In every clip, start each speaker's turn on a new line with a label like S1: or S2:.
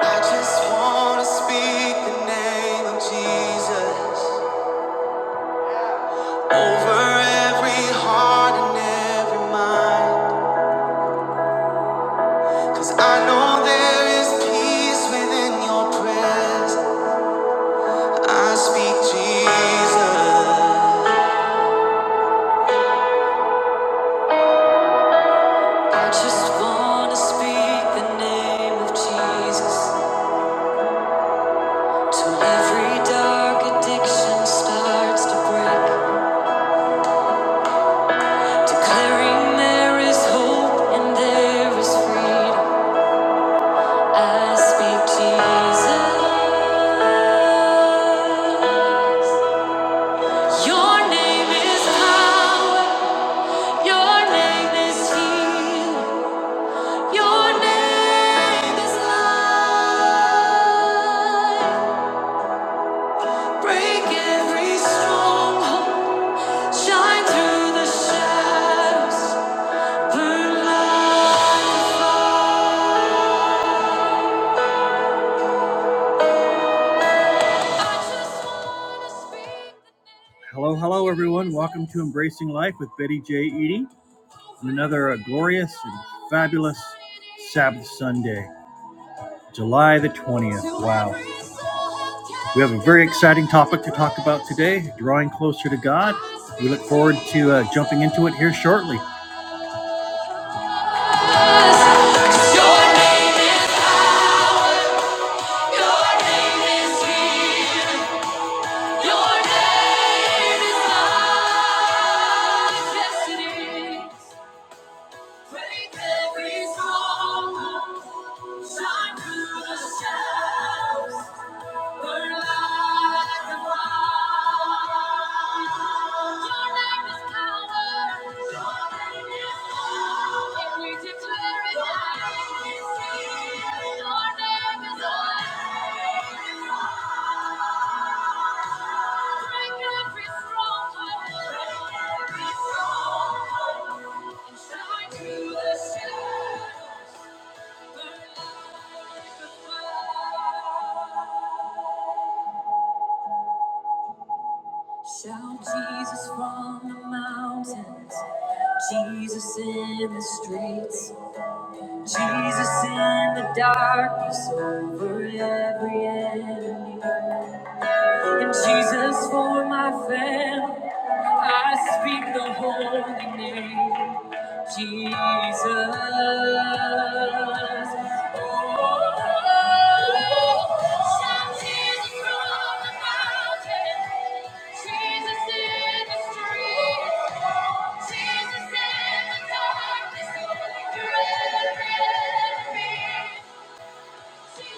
S1: I just wanna speak the name of Jesus over every heart and every mind. I know there is peace within your presence. I speak Jesus. I just wanna speak the name of Jesus till every dark addiction starts to break. Declaring there is hope and there is freedom. I speak Jesus. Your name is power. Your name is healing. Your name is life. Break every stronghold. Shine through the shadows. Burn light. Your name is. Your name is healing. Your name is life. Yes, it is. Break every stronghold. Shine through the shadows. Burn like a fire. Your name is power. Your name is power. And we declare it now. Shine through the shadows. Shout Jesus from the mountains, Jesus in the streets, Jesus in the darkness over every enemy. And Jesus for my family, I speak the holy name, Jesus. Oh, shout Jesus from the mountain, Jesus in the streets, Jesus in the darkness, through every enemy. Jesus.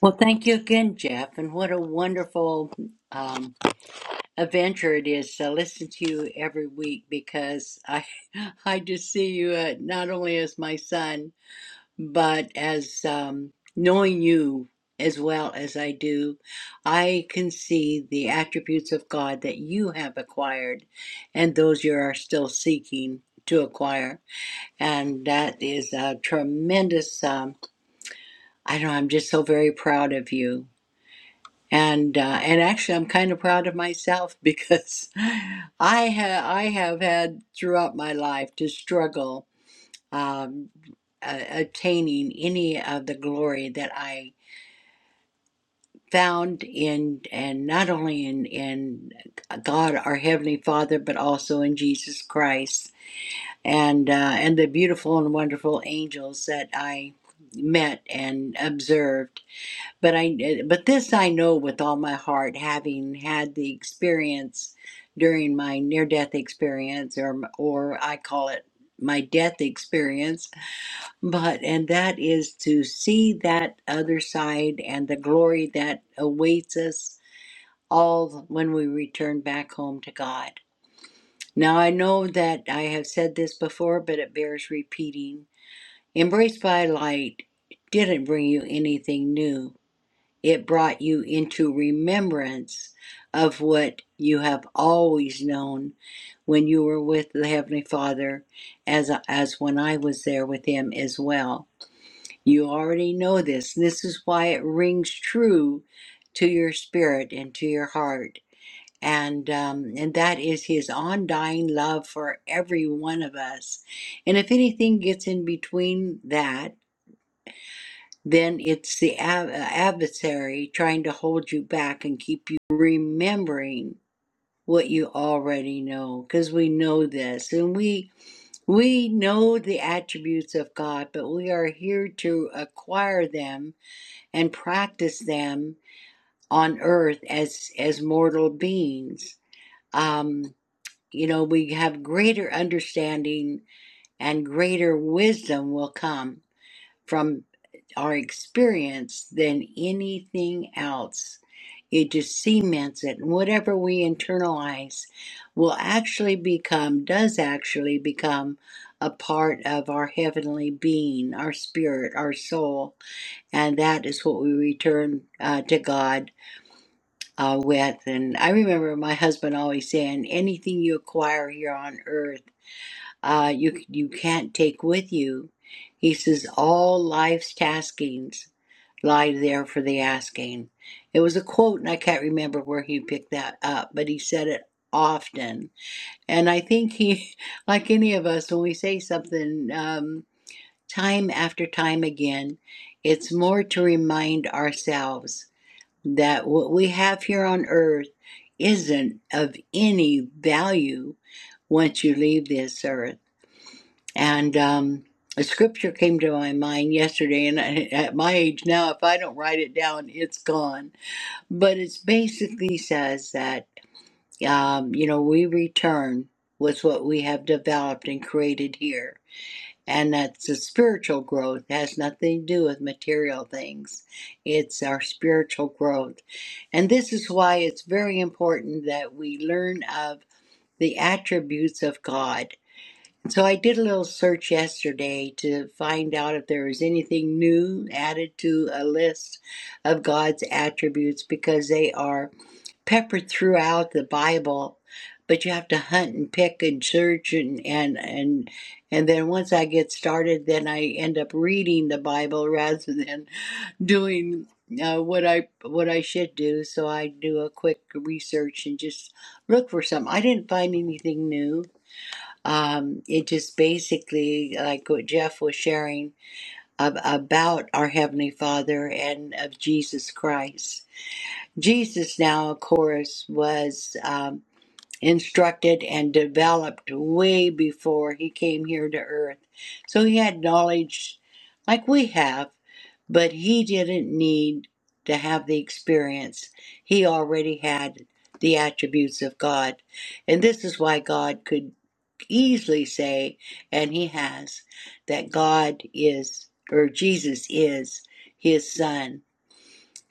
S2: Well, thank you again, Jeff, and what a wonderful um, adventure it is to listen to you every week because I I just see you uh, not only as my son but as um, knowing you as well as I do, I can see the attributes of God that you have acquired and those you are still seeking to acquire, and that is a tremendous. Um, I don't know. I'm just so very proud of you and uh, and actually, I'm kind of proud of myself because I have I have had throughout my life to struggle um, uh, attaining any of the glory that I found in and not only in in God our heavenly Father, but also in Jesus Christ and uh, and the beautiful and wonderful angels that I met and observed but I eh, but this I know with all my heart, having had the experience during my near death experience, or or I call it my death experience. But and that is to see that other side and the glory that awaits us all when we return back home to God. Now I know that I have said this before, but it bears repeating. Embraced by light didn't bring you anything new it brought you into remembrance of what you have always known when you were with the Heavenly Father, as, as when I was there with Him as well. You already know this. This is why it rings true to your spirit and to your heart. And, um, and that is His undying love for every one of us. And if anything gets in between that, then it's the ad- adversary trying to hold you back and keep you remembering what you already know because we know this and we we know the attributes of god but we are here to acquire them and practice them on earth as as mortal beings um you know we have greater understanding and greater wisdom will come from. our experience than anything else. It just cements it. And whatever we internalize will actually become, does actually become a part of our heavenly being, our spirit, our soul. And that is what we return uh, to God uh, with. And I remember my husband always saying, anything you acquire here on earth uh, you you can't take with you. He says all life's taskings lie there for the asking. It was a quote, and I can't remember where he picked that up, but he said it often. And I think he, like any of us, when we say something um, time after time again, it's more to remind ourselves that what we have here on earth isn't of any value once you leave this earth and um, a scripture came to my mind yesterday, and I, at my age now, if I don't write it down, it's gone. But it basically says that, um, you know, we return with what we have developed and created here. And that the spiritual growth has nothing to do with material things. It's our spiritual growth. And this is why it's very important that we learn of the attributes of God so I did a little search yesterday to find out if there was anything new added to a list of God's attributes because they are peppered throughout the Bible, but you have to hunt and pick and search and and and and then once I get started, then I end up reading the Bible rather than doing uh, what I what I should do. So I do a quick research and just look for some. I didn't find anything new um, it just basically, like what Jeff was sharing ab- about our Heavenly Father and of Jesus Christ. Jesus, now, of course, was um, instructed and developed way before he came here to earth. So he had knowledge like we have, but he didn't need to have the experience. He already had the attributes of God. And this is why God could easily say, and he has, that God is, or Jesus is, his son.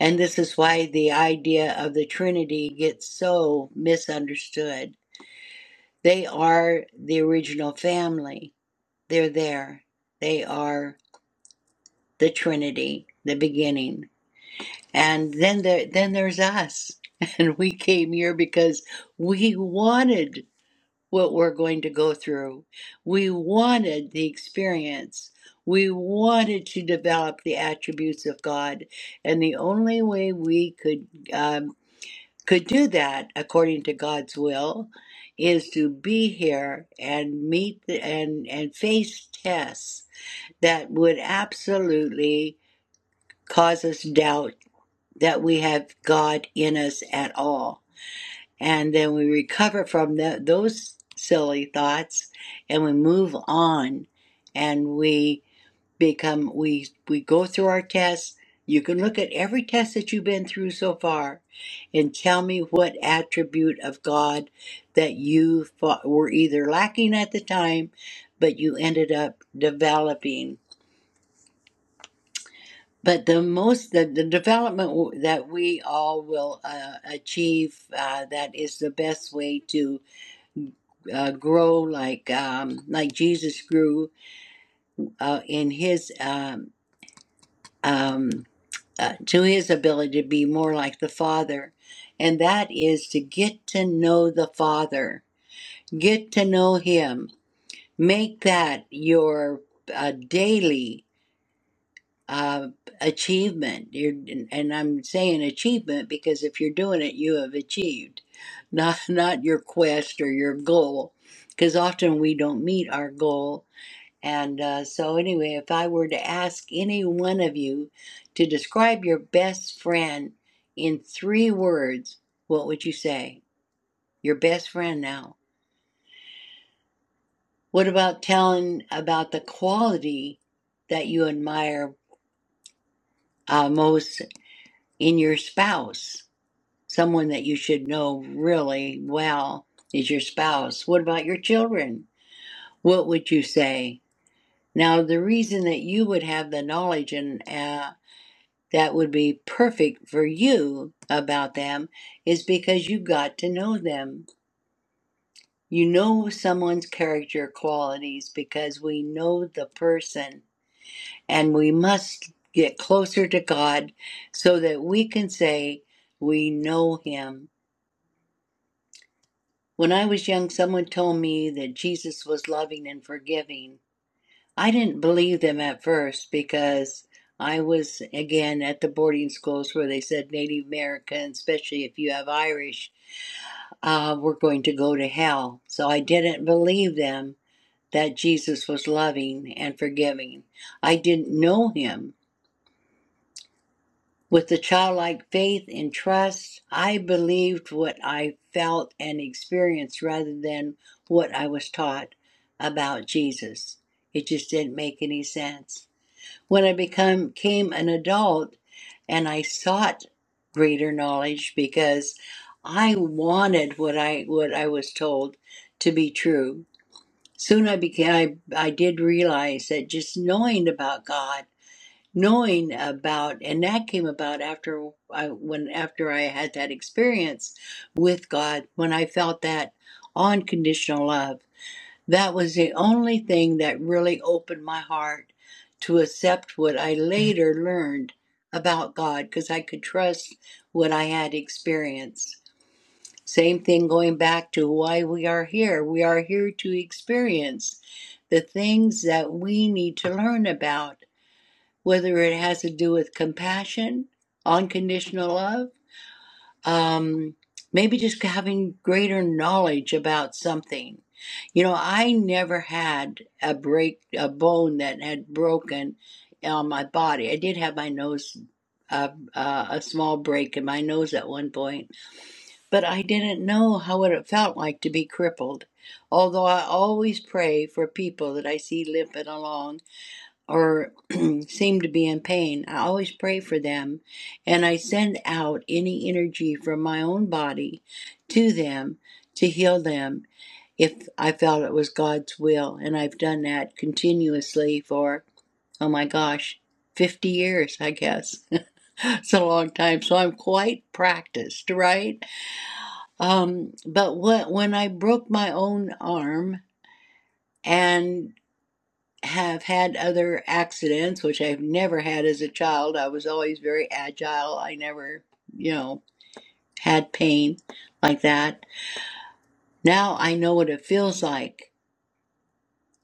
S2: And this is why the idea of the Trinity gets so misunderstood. They are the original family, they're there. They are the Trinity, the beginning. And then, there, then there's us. And we came here because we wanted what we're going to go through. We wanted the experience. We wanted to develop the attributes of God, and the only way we could um, could do that, according to God's will, is to be here and meet the, and and face tests that would absolutely cause us doubt that we have God in us at all and then we recover from tha- those silly thoughts and we move on and we become we we go through our tests you can look at every test that you've been through so far and tell me what attribute of god that you fo- were either lacking at the time but you ended up developing but the most the, the development that we all will uh, achieve uh, that is the best way to uh, grow like um, like Jesus grew uh, in his um, um, uh, to his ability to be more like the Father, and that is to get to know the Father, get to know Him, make that your uh, daily uh, achievement. You're, and I'm saying achievement because if you're doing it, you have achieved, not not your quest or your goal, because often we don't meet our goal And uh, so, anyway, if I were to ask any one of you to describe your best friend in three words, what would you say? Your best friend now. What about telling about the quality that you admire uh, most in your spouse? Someone that you should know really well is your spouse. What about your children? What would you say? Now, the reason that you would have the knowledge and uh, that would be perfect for you about them is because you got to know them. You know someone's character qualities because we know the person and we must get closer to God so that we can say we know him. When I was young, someone told me that Jesus was loving and forgiving. I didn't believe them at first because I was again at the boarding schools where they said Native American, especially if you have Irish, uh, we're going to go to hell. So I didn't believe them that Jesus was loving and forgiving. I didn't know him. With the childlike faith and trust, I believed what I felt and experienced rather than what I was taught about Jesus. It just didn't make any sense. When I become, became an adult and I sought greater knowledge because I wanted what I what I was told to be true. Soon I became I, I did realize that just knowing about God, knowing about and that came about after I when after I had that experience with God when I felt that unconditional love. That was the only thing that really opened my heart to accept what I later learned about God because I could trust what I had experienced. Same thing going back to why we are here. We are here to experience the things that we need to learn about, whether it has to do with compassion, unconditional love, um, maybe just having greater knowledge about something you know, I never had a break, a bone that had broken on my body. I did have my nose, uh, uh, a small break in my nose at one point, but I didn't know how what it felt like to be crippled. Although I always pray for people that I see limping along or seem to be in pain, I always pray for them and I send out any energy from my own body to them to heal them if I felt it was God's will. And I've done that continuously for, oh my gosh, 50 years, I guess. it's a long time. So I'm quite practiced, right? Um, but what, when I broke my own arm and have had other accidents, which I've never had as a child, I was always very agile. I never, you know, had pain like that. Now I know what it feels like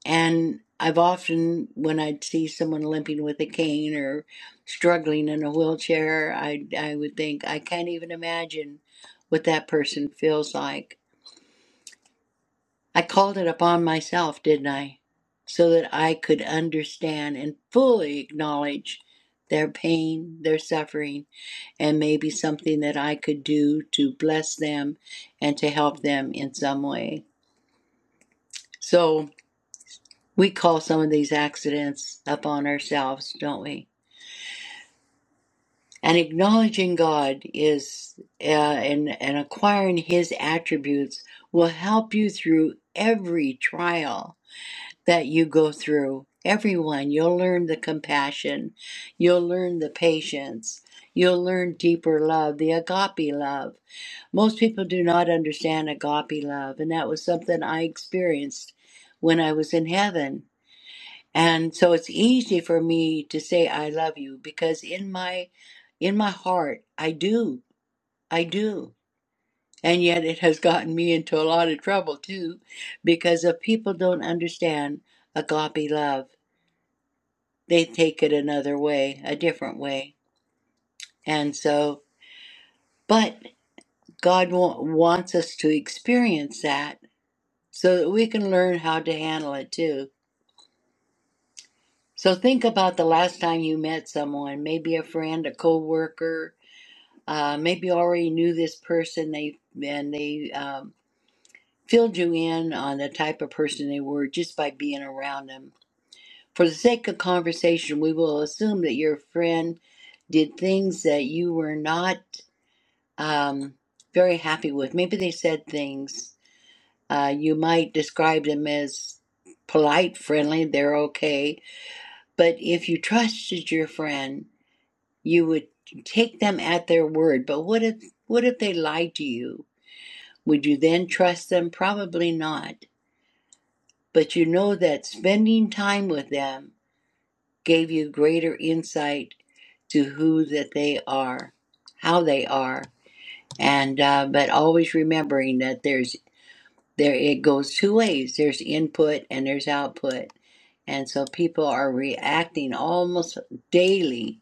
S2: And I've often, when I'd see someone limping with a cane or struggling in a wheelchair, I, I would think, I can't even imagine what that person feels like. I called it upon myself, didn't I? So that I could understand and fully acknowledge their pain, their suffering, and maybe something that I could do to bless them and to help them in some way. So, We call some of these accidents upon ourselves, don't we? And acknowledging God is, uh, and, and acquiring His attributes will help you through every trial that you go through. Everyone, you'll learn the compassion, you'll learn the patience, you'll learn deeper love, the agape love. Most people do not understand agape love, and that was something I experienced when I was in heaven. And so it's easy for me to say I love you because in my in my heart I do. I do. And yet it has gotten me into a lot of trouble too because if people don't understand agape love, they take it another way, a different way. And so but God wa- wants us to experience that so that we can learn how to handle it too. So think about the last time you met someone, maybe a friend, a coworker, uh, maybe already knew this person they and they um, filled you in on the type of person they were just by being around them for the sake of conversation we will assume that your friend did things that you were not um, very happy with maybe they said things uh, you might describe them as polite friendly they're okay but if you trusted your friend you would take them at their word but what if what if they lied to you Would you then trust them? Probably not. But you know that spending time with them gave you greater insight to who that they are, how they are, and uh, but always remembering that there's there it goes two ways. There's input and there's output, and so people are reacting almost daily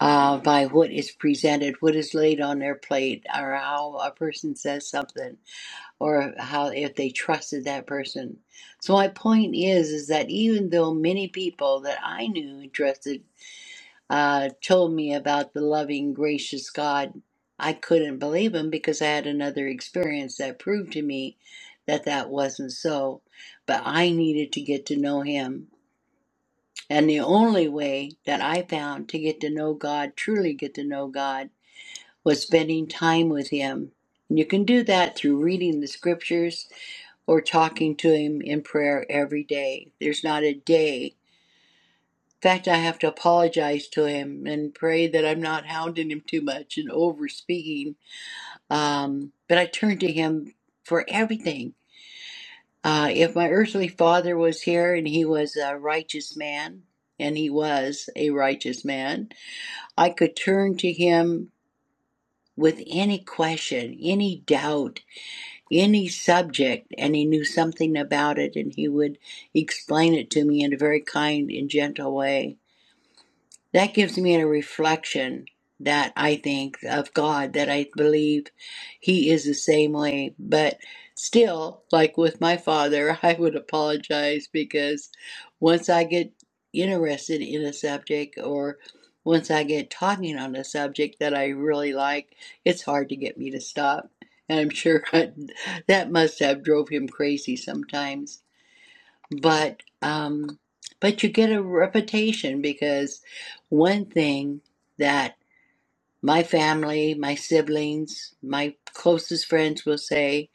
S2: uh, by what is presented, what is laid on their plate, or how a person says something or how if they trusted that person. So my point is is that even though many people that I knew and trusted uh, told me about the loving, gracious God, I couldn't believe him because I had another experience that proved to me that that wasn't so. But I needed to get to know him. And the only way that I found to get to know God, truly get to know God, was spending time with him. And you can do that through reading the scriptures or talking to him in prayer every day. There's not a day. In fact, I have to apologize to him and pray that I'm not hounding him too much and over speaking. Um, but I turn to him for everything. Uh, if my earthly father was here and he was a righteous man, and he was a righteous man, I could turn to him with any question, any doubt, any subject and he knew something about it and he would explain it to me in a very kind and gentle way that gives me a reflection that I think of God, that I believe He is the same way. But still, like with my father, I would apologize because once I get interested in a subject or once I get talking on a subject that I really like, it's hard to get me to stop. And I'm sure that must have drove him crazy sometimes but um but you get a reputation because one thing that my family my siblings my closest friends will say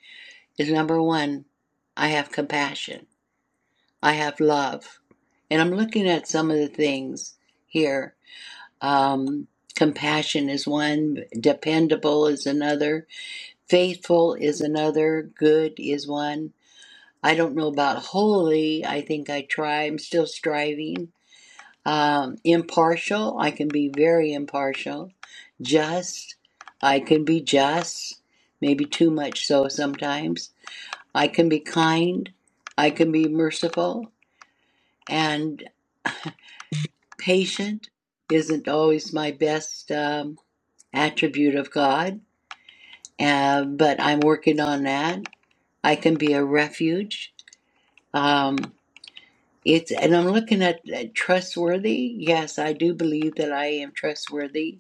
S2: is number one i have compassion i have love and i'm looking at some of the things here um compassion is one dependable is another faithful is another good is one i don't know about holy i think i try i'm still striving Um, impartial, I can be very impartial. Just, I can be just, maybe too much so sometimes. I can be kind, I can be merciful, and patient isn't always my best um, attribute of God, uh, but I'm working on that. I can be a refuge. Um, it's and I'm looking at at trustworthy. Yes, I do believe that I am trustworthy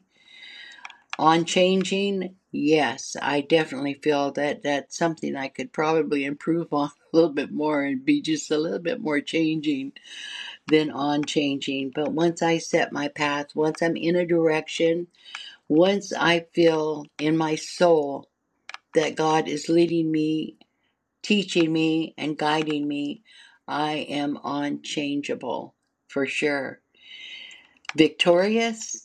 S2: On changing, yes, I definitely feel that that's something I could probably improve on a little bit more and be just a little bit more changing than on changing. But once I set my path, once I'm in a direction, once I feel in my soul that God is leading me, teaching me, and guiding me, I am unchangeable for sure. Victorious?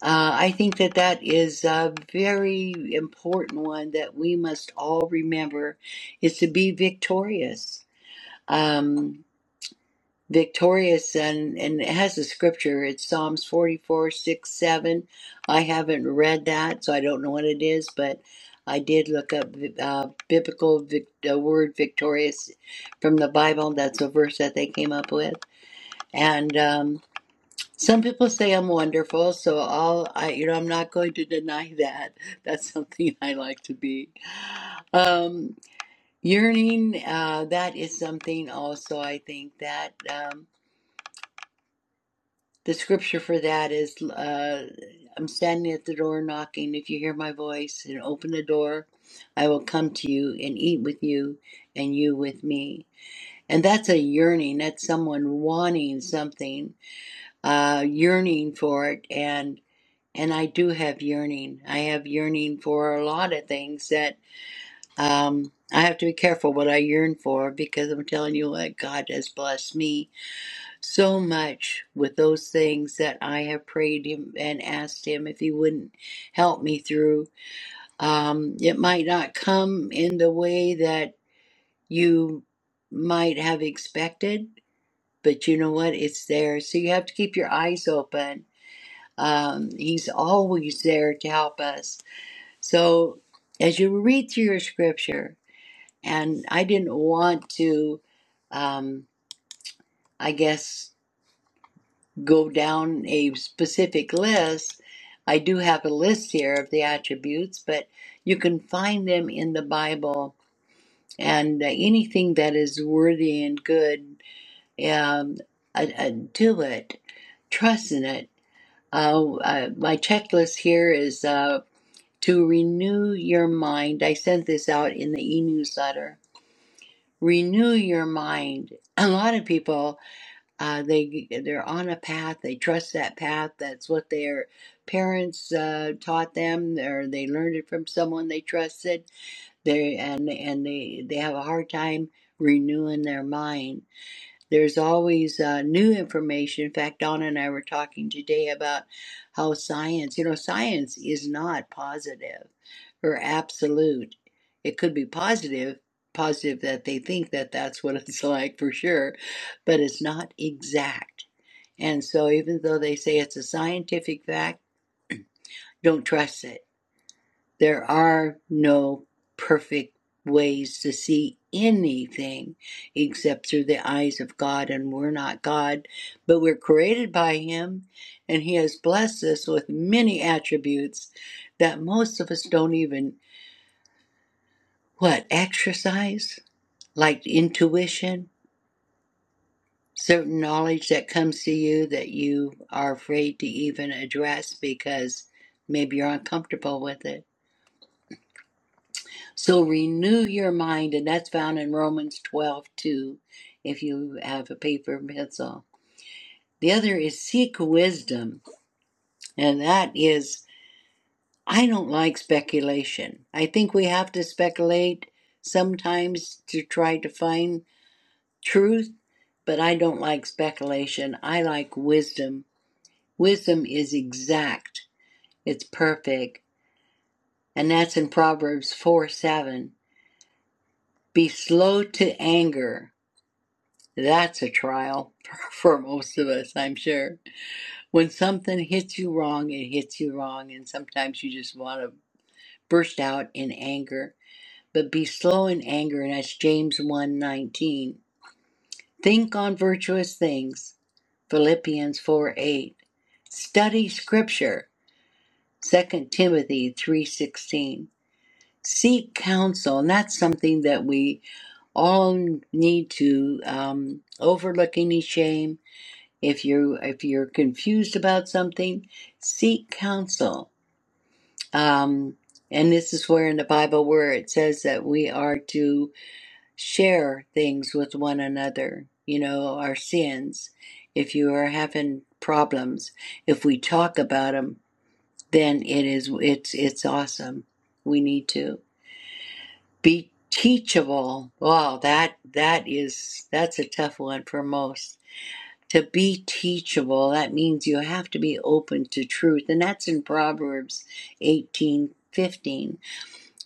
S2: Uh, I think that that is a very important one that we must all remember is to be victorious. Um, victorious, and, and it has a scripture. It's Psalms 44 6 7. I haven't read that, so I don't know what it is, but I did look up uh, biblical vic- uh, word victorious from the Bible. That's a verse that they came up with. And um, some people say I'm wonderful, so I'll, I, you know, I'm not going to deny that. That's something I like to be. Um, yearning, uh, that is something also I think that um, the scripture for that is uh, I'm standing at the door knocking. If you hear my voice and open the door, I will come to you and eat with you and you with me. And that's a yearning. That's someone wanting something, uh, yearning for it. and. and I do have yearning. I have yearning for a lot of things that um, I have to be careful what I yearn for because I'm telling you what God has blessed me so much with those things that I have prayed Him and asked Him if He wouldn't help me through. Um, it might not come in the way that you might have expected, but you know what? It's there. So you have to keep your eyes open. Um, he's always there to help us So, as you read through your scripture, and I didn't want to, um, I guess, go down a specific list. I do have a list here of the attributes, but you can find them in the Bible. And uh, anything that is worthy and good, um, uh, uh, do it. Trust in it. Uh, uh, my checklist here is uh, to renew your mind. I sent this out in the e newsletter renew your mind. A lot of people, uh, they they're on a path. They trust that path. That's what their parents uh, taught them, or they learned it from someone they trusted. They and and they they have a hard time renewing their mind. There's always uh, new information. In fact, Donna and I were talking today about how science, you know, science is not positive or absolute. It could be positive, positive that they think that that's what it's like for sure, but it's not exact. And so, even though they say it's a scientific fact, don't trust it there are no perfect ways to see anything except through the eyes of God, and we're not God, but we're created by Him, and He has blessed us with many attributes that most of us don't even, what, exercise? Like intuition, certain knowledge that comes to you that you are afraid to even address because maybe you're uncomfortable with it So renew your mind, and that's found in Romans 12 2, if you have a paper and pencil. The other is seek wisdom, and that is, I don't like speculation. I think we have to speculate sometimes to try to find truth, but I don't like speculation. I like wisdom. Wisdom is exact, it's perfect, and that's in Proverbs 4 7. Be slow to anger That's a trial for most of us, I'm sure. When something hits you wrong, it hits you wrong, and sometimes you just want to burst out in anger. But be slow in anger, and that's James 1:19. Think on virtuous things, Philippians 4:8. Study scripture, Second Timothy 3:16. Seek counsel, and that's something that we all need to um, overlook any shame If you if you're confused about something, seek counsel. Um, and this is where in the Bible where it says that we are to share things with one another. You know our sins. If you are having problems, if we talk about them, then it is it's it's awesome. We need to be teachable. Wow, that that is that's a tough one for most to be teachable that means you have to be open to truth and that's in proverbs 18 15.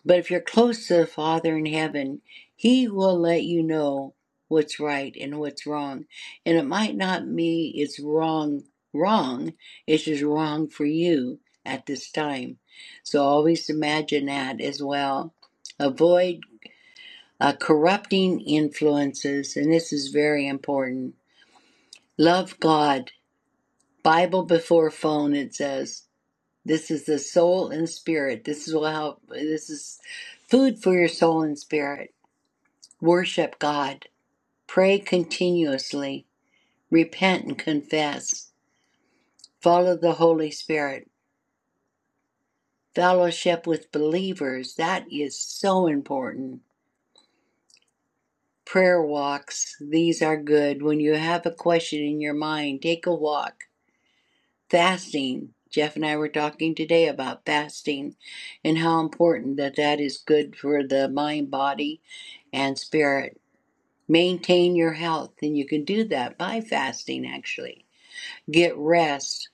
S2: but if you're close to the father in heaven he will let you know what's right and what's wrong and it might not be it's wrong wrong it's just wrong for you at this time so always imagine that as well avoid uh, corrupting influences and this is very important love god Bible before phone, it says. This is the soul and spirit. This is how this is food for your soul and spirit. Worship God. Pray continuously. Repent and confess. Follow the Holy Spirit. Fellowship with believers. That is so important. Prayer walks. These are good. When you have a question in your mind, take a walk fasting. Jeff and I were talking today about fasting and how important that that is good for the mind, body, and spirit. Maintain your health, and you can do that by fasting, actually. Get rest.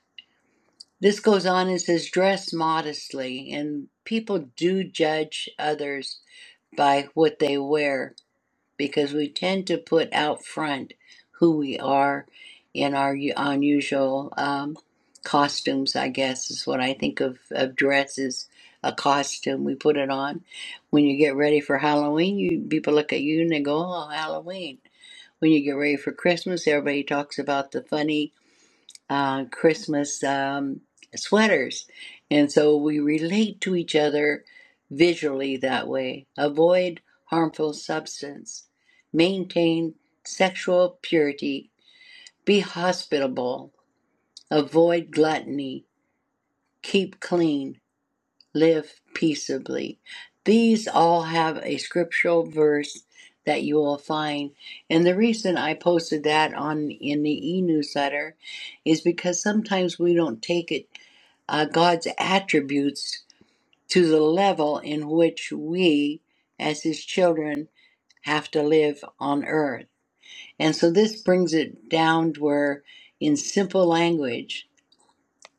S2: This goes on and says, dress modestly, and people do judge others by what they wear because we tend to put out front who we are in our unusual um, costumes, I guess is what I think of, of dresses, a costume. We put it on. When you get ready for Halloween, you people look at you and they go, oh, Halloween. When you get ready for Christmas, everybody talks about the funny uh, Christmas um, sweaters. And so we relate to each other visually that way. Avoid harmful substance. Maintain sexual purity. Be hospitable. Avoid gluttony. Keep clean. Live peaceably. These all have a scriptural verse that you will find. And the reason I posted that on in the e-newsletter is because sometimes we don't take it uh, God's attributes to the level in which we, as His children, have to live on earth. And so this brings it down to where, in simple language,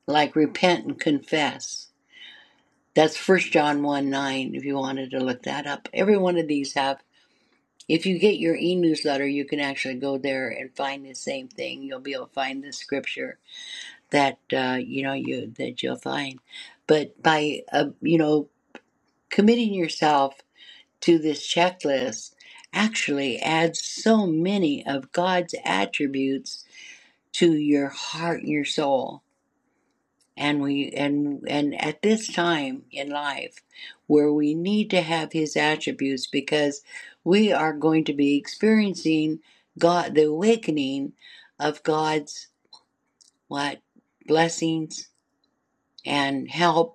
S2: like repent and confess. That's First John 1 9, if you wanted to look that up. Every one of these have. If you get your e newsletter, you can actually go there and find the same thing. You'll be able to find the scripture that uh, you know you that you'll find. But by uh, you know Committing yourself to this checklist actually adds so many of God's attributes to your heart and your soul. And we and and at this time in life where we need to have his attributes because we are going to be experiencing God the awakening of God's what blessings and help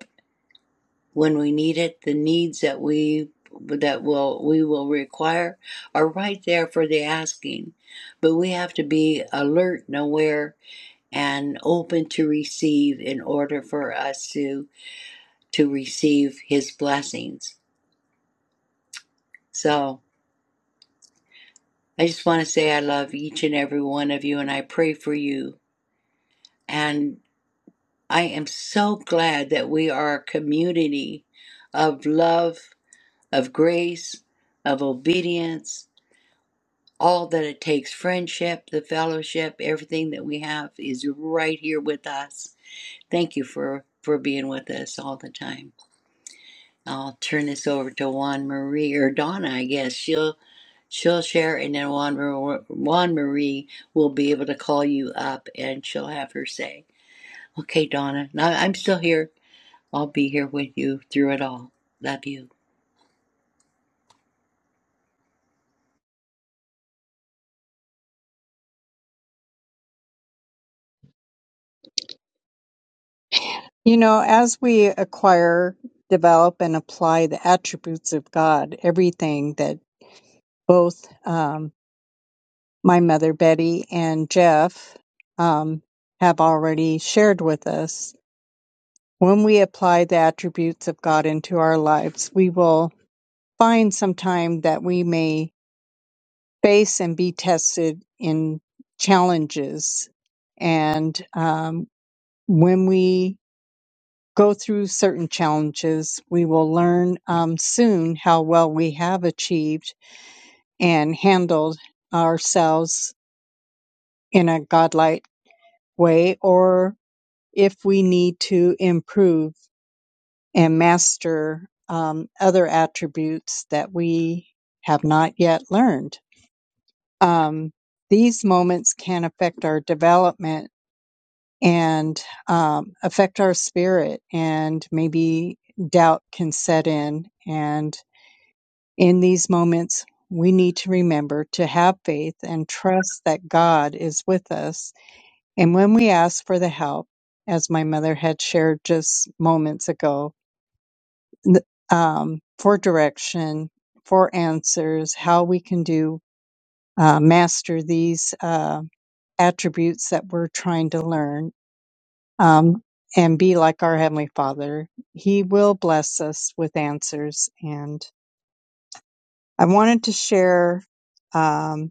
S2: when we need it, the needs that we that will we will require are right there for the asking. But we have to be alert and aware and open to receive in order for us to to receive his blessings. So I just want to say I love each and every one of you and I pray for you. And I am so glad that we are a community of love, of grace, of obedience, all that it takes friendship, the fellowship, everything that we have is right here with us. Thank you for, for being with us all the time. I'll turn this over to Juan Marie or Donna, I guess. She'll she'll share, and then Juan, Mar- Juan Marie will be able to call you up and she'll have her say, Okay, Donna, now I'm still here. I'll be here with you through it all. Love you.
S3: You know, as we acquire, develop, and apply the attributes of God, everything that both um, my mother Betty and Jeff um, have already shared with us, when we apply the attributes of God into our lives, we will find sometime that we may face and be tested in challenges. And um, when we go through certain challenges. We will learn um, soon how well we have achieved and handled ourselves in a godlike way, or if we need to improve and master um, other attributes that we have not yet learned. Um, these moments can affect our development and um, affect our spirit, and maybe doubt can set in and In these moments, we need to remember to have faith and trust that God is with us. And when we ask for the help, as my mother had shared just moments ago, um, for direction, for answers, how we can do uh, master these uh, attributes that we're trying to learn um, and be like our Heavenly Father. He will bless us with answers. And I wanted to share. Um,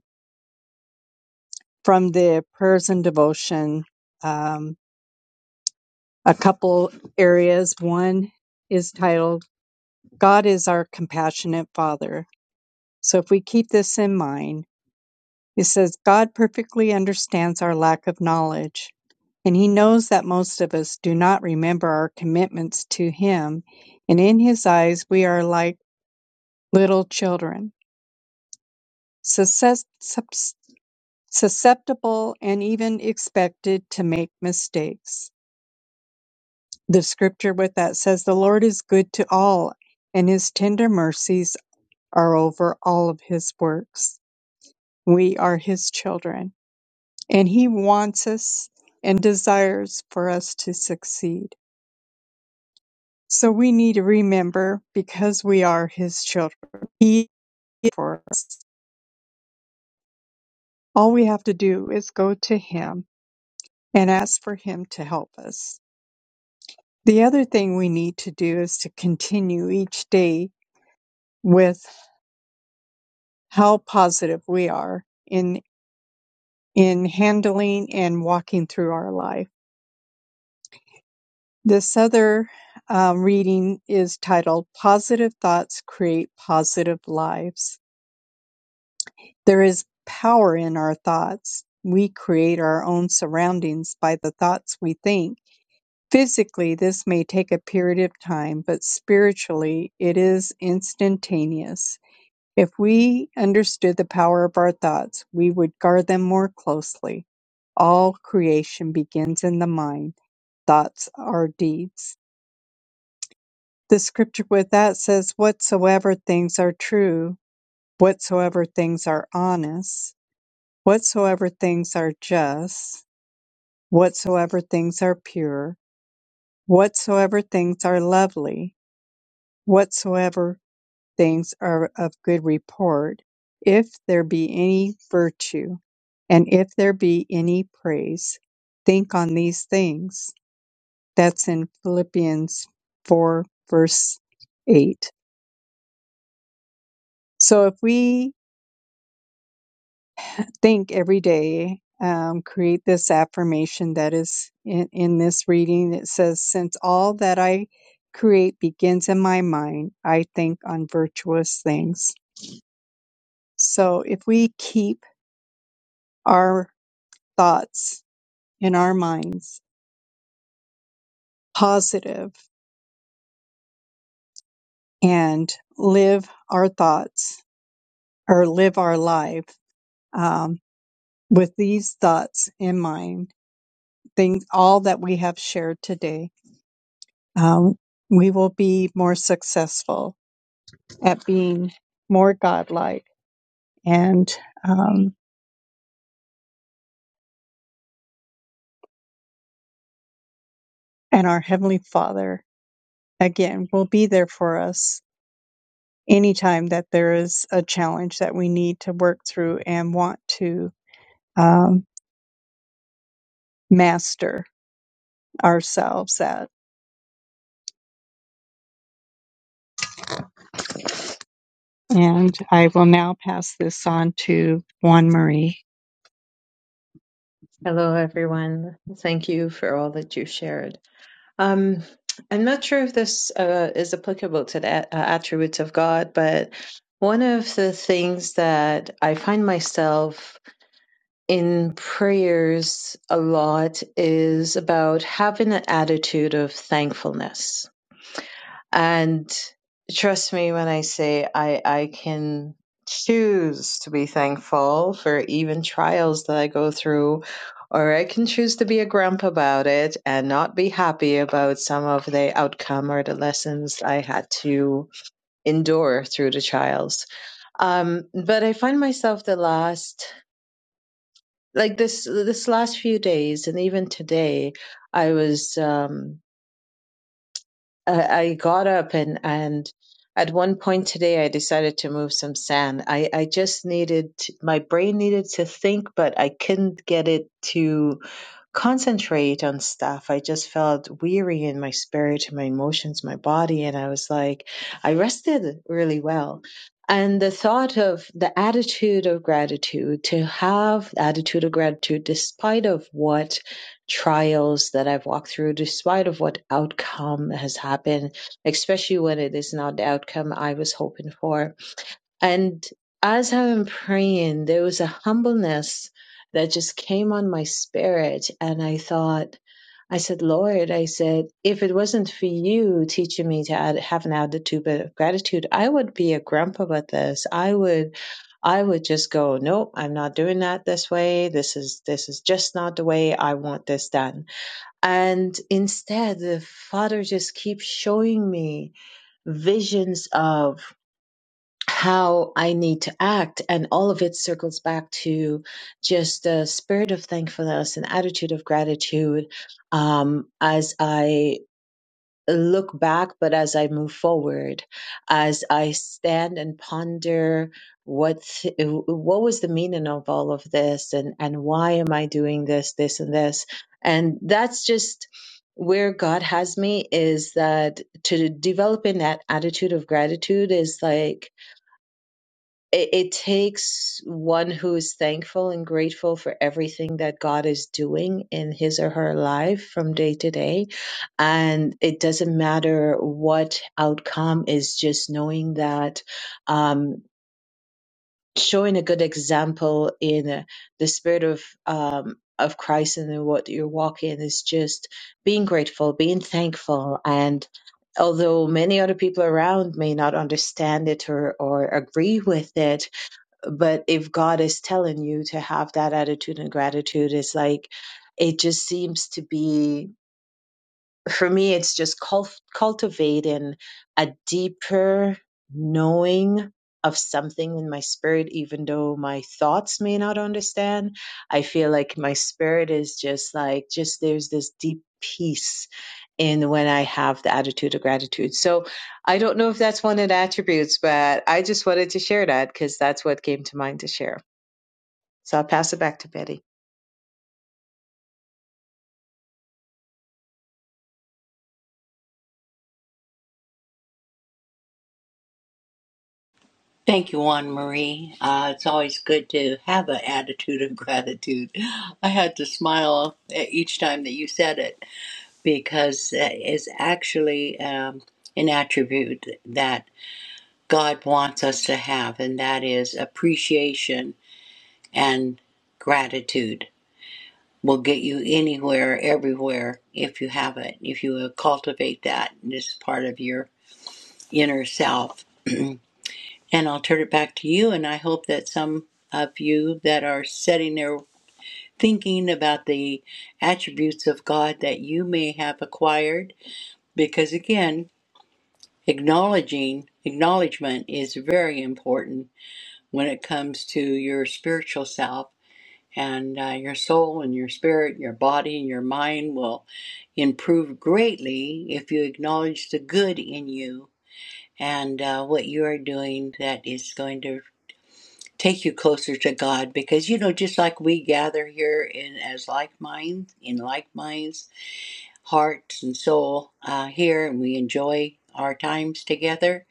S3: from the prayers and devotion um, a couple areas. One is titled, God is our compassionate Father. So if we keep this in mind, it says, God perfectly understands our lack of knowledge, and He knows that most of us do not remember our commitments to Him, and in His eyes, we are like little children, susceptible and even expected to make mistakes. The scripture with that says, The Lord is good to all, and his tender mercies are over all of his works. We are his children, and he wants us and desires for us to succeed. So we need to remember because we are his children, he is for us. All we have to do is go to him and ask for him to help us. The other thing we need to do is to continue each day with how positive we are in in handling and walking through our life. This other um, reading is titled "Positive Thoughts Create Positive Lives." There is power in our thoughts. We create our own surroundings by the thoughts we think. Physically, this may take a period of time, but spiritually, it is instantaneous. If we understood the power of our thoughts, we would guard them more closely. All creation begins in the mind. Thoughts are deeds. The scripture with that says, Whatsoever things are true, whatsoever things are honest, whatsoever things are just, whatsoever things are pure, whatsoever things are lovely, whatsoever things are of good report, if there be any virtue, and if there be any praise, think on these things. That's in Philippians 4, verse 8. So if we think every day, um, create this affirmation that is in, in this reading, it says, Since all that I create begins in my mind, I think on virtuous things. So if we keep our thoughts in our minds positive and live our thoughts or live our life um, with these thoughts in mind, things, all that we have shared today, um, we will be more successful at being more godlike and um, and our heavenly Father again will be there for us anytime that there is a challenge that we need to work through and want to um, master ourselves at. And I will now pass this on to Juan Marie.
S4: Hello, everyone. Thank you for all that you shared. Um, I'm not sure if this uh, is applicable to the a- uh, attributes of God, but one of the things that I find myself in prayers a lot is about having an attitude of thankfulness. And trust me when I say I, I can choose to be thankful for even trials that I go through, or I can choose to be a grump about it and not be happy about some of the outcome or the lessons I had to endure through the trials. Um, but I find myself the last, like this, this last few days, and even today, I was. Um, I, I got up and and at one point today I decided to move some sand. I I just needed to- my brain needed to think, but I couldn't get it to concentrate on stuff. I just felt weary in my spirit, my emotions, my body. And I was like, I rested really well. And the thought of the attitude of gratitude, to have the attitude of gratitude despite of what trials that I've walked through, despite of what outcome has happened, especially when it is not the outcome I was hoping for and as I'm praying, there was a humbleness that just came on my spirit. And I thought, I said, Lord, I said, if it wasn't for you teaching me to add, have an attitude of gratitude, I would be a grump about this. I would, I would just go, nope, I'm not doing that this way. This is, this is just not the way I want this done. And instead, the Father just keeps showing me visions of how I need to act. And all of it circles back to just the spirit of thankfulness and attitude of gratitude um, as I look back, but as I move forward, as I stand and ponder what th- what was the meaning of all of this and and why am i doing this this and this and that's just where god has me is that to developing that attitude of gratitude is like it, it takes one who is thankful and grateful for everything that God is doing in his or her life from day to day. And it doesn't matter what outcome is just knowing that, um, showing a good example in uh, the spirit of, um, of Christ and in what you're walking is just being grateful, being thankful and although many other people around may not understand it or, or agree with it but if God is telling you to have that attitude and gratitude, it's like it just seems to be for me, it's just cul- cultivating a deeper knowing of something in my spirit, even though my thoughts may not understand. I feel like my spirit is just like, just there's this deep peace in when I have the attitude of gratitude. So I don't know if that's one of the attributes, but I just wanted to share that because that's what came to mind to share. So I'll pass it back to Betty.
S2: Thank you, Juan Marie. Uh, it's always good to have an attitude of gratitude. I had to smile each time that you said it because it's actually um, an attribute that God wants us to have, and that is appreciation and gratitude will get you anywhere, everywhere, if you have it, if you cultivate that as part of your inner self. And I'll turn it back to you. And I hope that some of you that are sitting there thinking about the attributes of God that you may have acquired, because again, acknowledging acknowledgement is very important when it comes to your spiritual self and uh, your soul and your spirit, your body and your mind will improve greatly if you acknowledge the good in you and uh, what you are doing that is going to take you closer to God because you know just like we gather here in as like minds in like minds hearts and soul uh, here and we enjoy our times together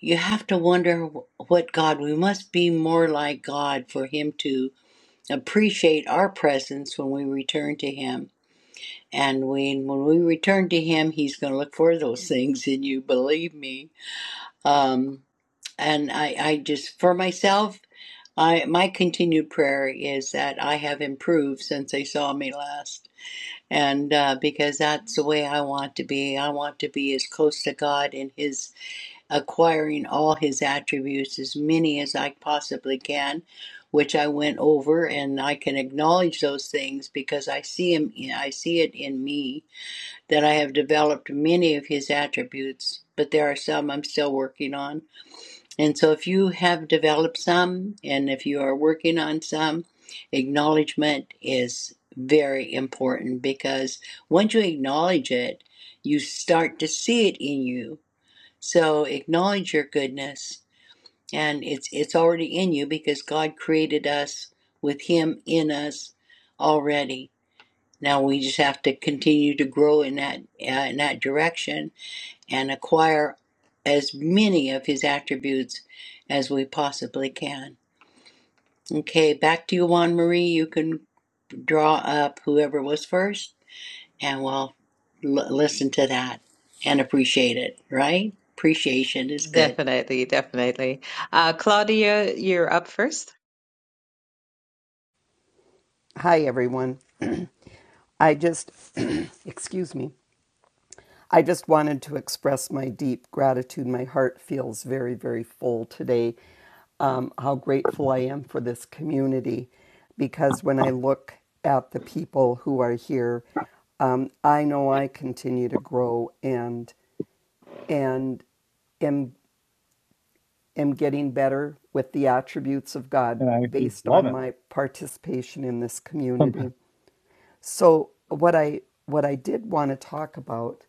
S2: you have to wonder what God we must be more like God for him to appreciate our presence when we return to him and when when we return to him he's going to look for those things in you believe me um and I, I just for myself I my continued prayer is that I have improved since they saw me last, and uh, because that's the way I want to be. I want to be as close to God and His acquiring all His attributes, as many as I possibly can, which I went over, and I can acknowledge those things because I see Him. I see it in me that I have developed many of His attributes, but there are some I'm still working on and so, if you have developed some and if you are working on some, acknowledgement is very important because once you acknowledge it, you start to see it in you. So, acknowledge your goodness and it's it's already in you because God created us with him in us already. Now we just have to continue to grow in that uh, in that direction and acquire as many of his attributes as we possibly can. Okay, back to you, Juan Marie. You can draw up whoever was first, and we'll l- listen to that and appreciate it, right? Appreciation is good.
S4: Definitely, definitely. Uh, Claudia, you're up first.
S5: Hi, everyone. I just, excuse me, I just wanted to express my deep gratitude. My heart feels very, very full today. Um, how grateful I am for this community because when I look at the people who are here, um, I know I continue to grow and, and, am am getting better with the attributes of God
S6: and I actually
S5: based
S6: love
S5: on
S6: it.
S5: my participation in this
S6: Sometimes,
S5: community. So what I what I did want to talk about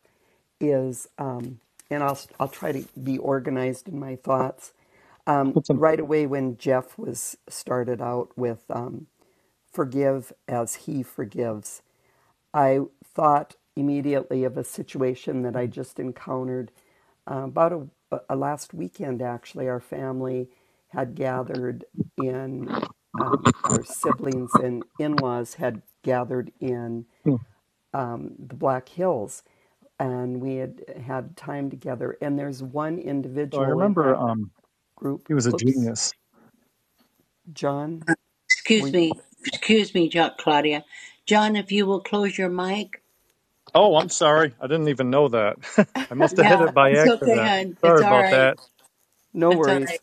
S5: is, um, and I'll I'll try to be organized in my thoughts. Um,
S6: but some,
S5: right away when Jeff was started out with um, forgive as he forgives. I thought immediately of a situation that I just encountered uh, about a, a last weekend. Actually, our family had gathered in um, our siblings and in-laws had gathered in the Black Hills, and we had had time together. And there's one
S6: so I
S5: individual in
S6: remember
S5: that
S6: um,
S5: group.
S6: he was a
S5: Oops,
S6: genius.
S5: John, were
S2: Excuse
S5: you?
S2: me. Excuse me, jo- Claudia. John, if you will close your mic.
S6: Oh, I'm sorry, I didn't even know that. I must have hit
S2: Yeah,
S6: it by
S2: it's okay,
S6: accident.
S2: hon. It's
S6: Sorry
S2: all
S6: about
S2: right.
S6: that.
S5: No
S2: It's all right.
S5: worries.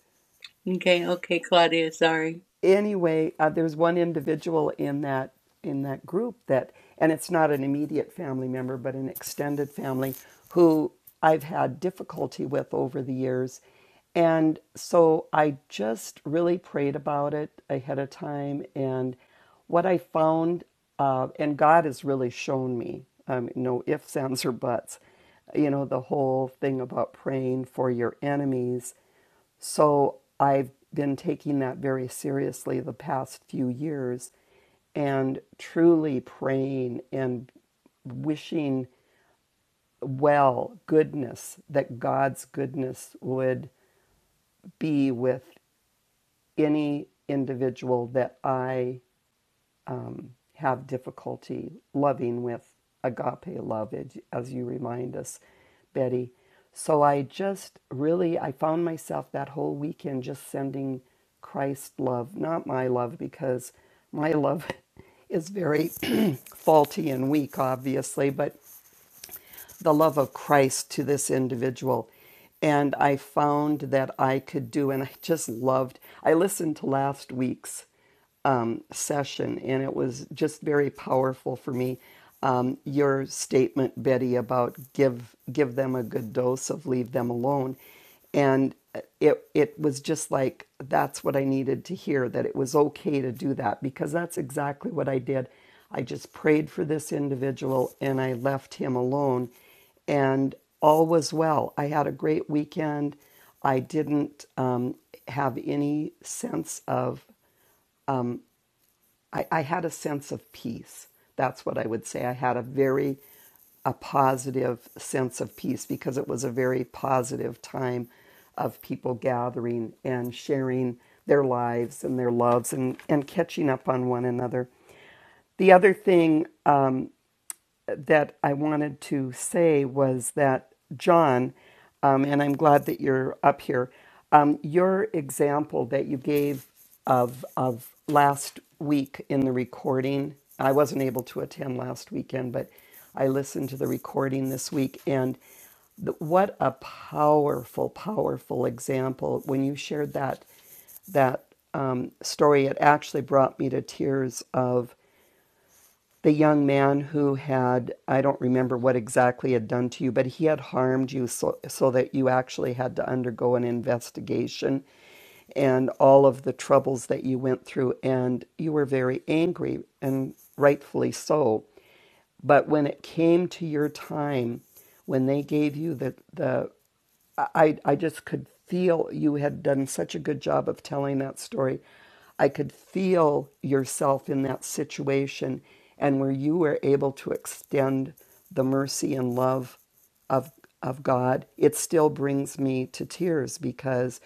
S2: Okay, okay, Claudia, sorry.
S5: anyway, uh, there's one individual in that in that group that, and it's not an immediate family member, but an extended family who I've had difficulty with over the years, and so I just really prayed about it ahead of time, and what I found, uh, and God has really shown me, um, no ifs, ands, or buts, you know, the whole thing about praying for your enemies so I've been taking that very seriously the past few years and truly praying and wishing well goodness, that God's goodness would be with any individual that I have difficulty loving with agape love, as you remind us, Betty. So I just really I found myself that whole weekend just sending Christ love, not my love, because my love is very faulty and weak, obviously, but the love of Christ to this individual. And I found that I could do, and I just loved. I listened to last week's session, and it was just very powerful for me. Um, your statement, Betty, about give give them a good dose of leave them alone, and it it was just like that's what I needed to hear that it was okay to do that because that's exactly what I did. I just prayed for this individual and I left him alone, and all was well. I had a great weekend. I didn't um, have any sense of I, I had a sense of peace. That's what I would say. I had a very a positive sense of peace because it was a very positive time of people gathering and sharing their lives and their loves and, and catching up on one another. The other thing that I wanted to say was that, John, um, and I'm glad that you're up here, um, your example that you gave of, of last week in the recording, I wasn't able to attend last weekend, but I listened to the recording this week. And the, what a powerful, powerful example when you shared that that um, story. It actually brought me to tears of the young man who had i don't remember what exactly had done to you but he had harmed you so, so that you actually had to undergo an investigation and all of the troubles that you went through and you were very angry and rightfully so but when it came to your time when they gave you the, the I, I just could feel you had done such a good job of telling that story. I could feel yourself in that situation and where you were able to extend the mercy and love of of God, it still brings me to tears because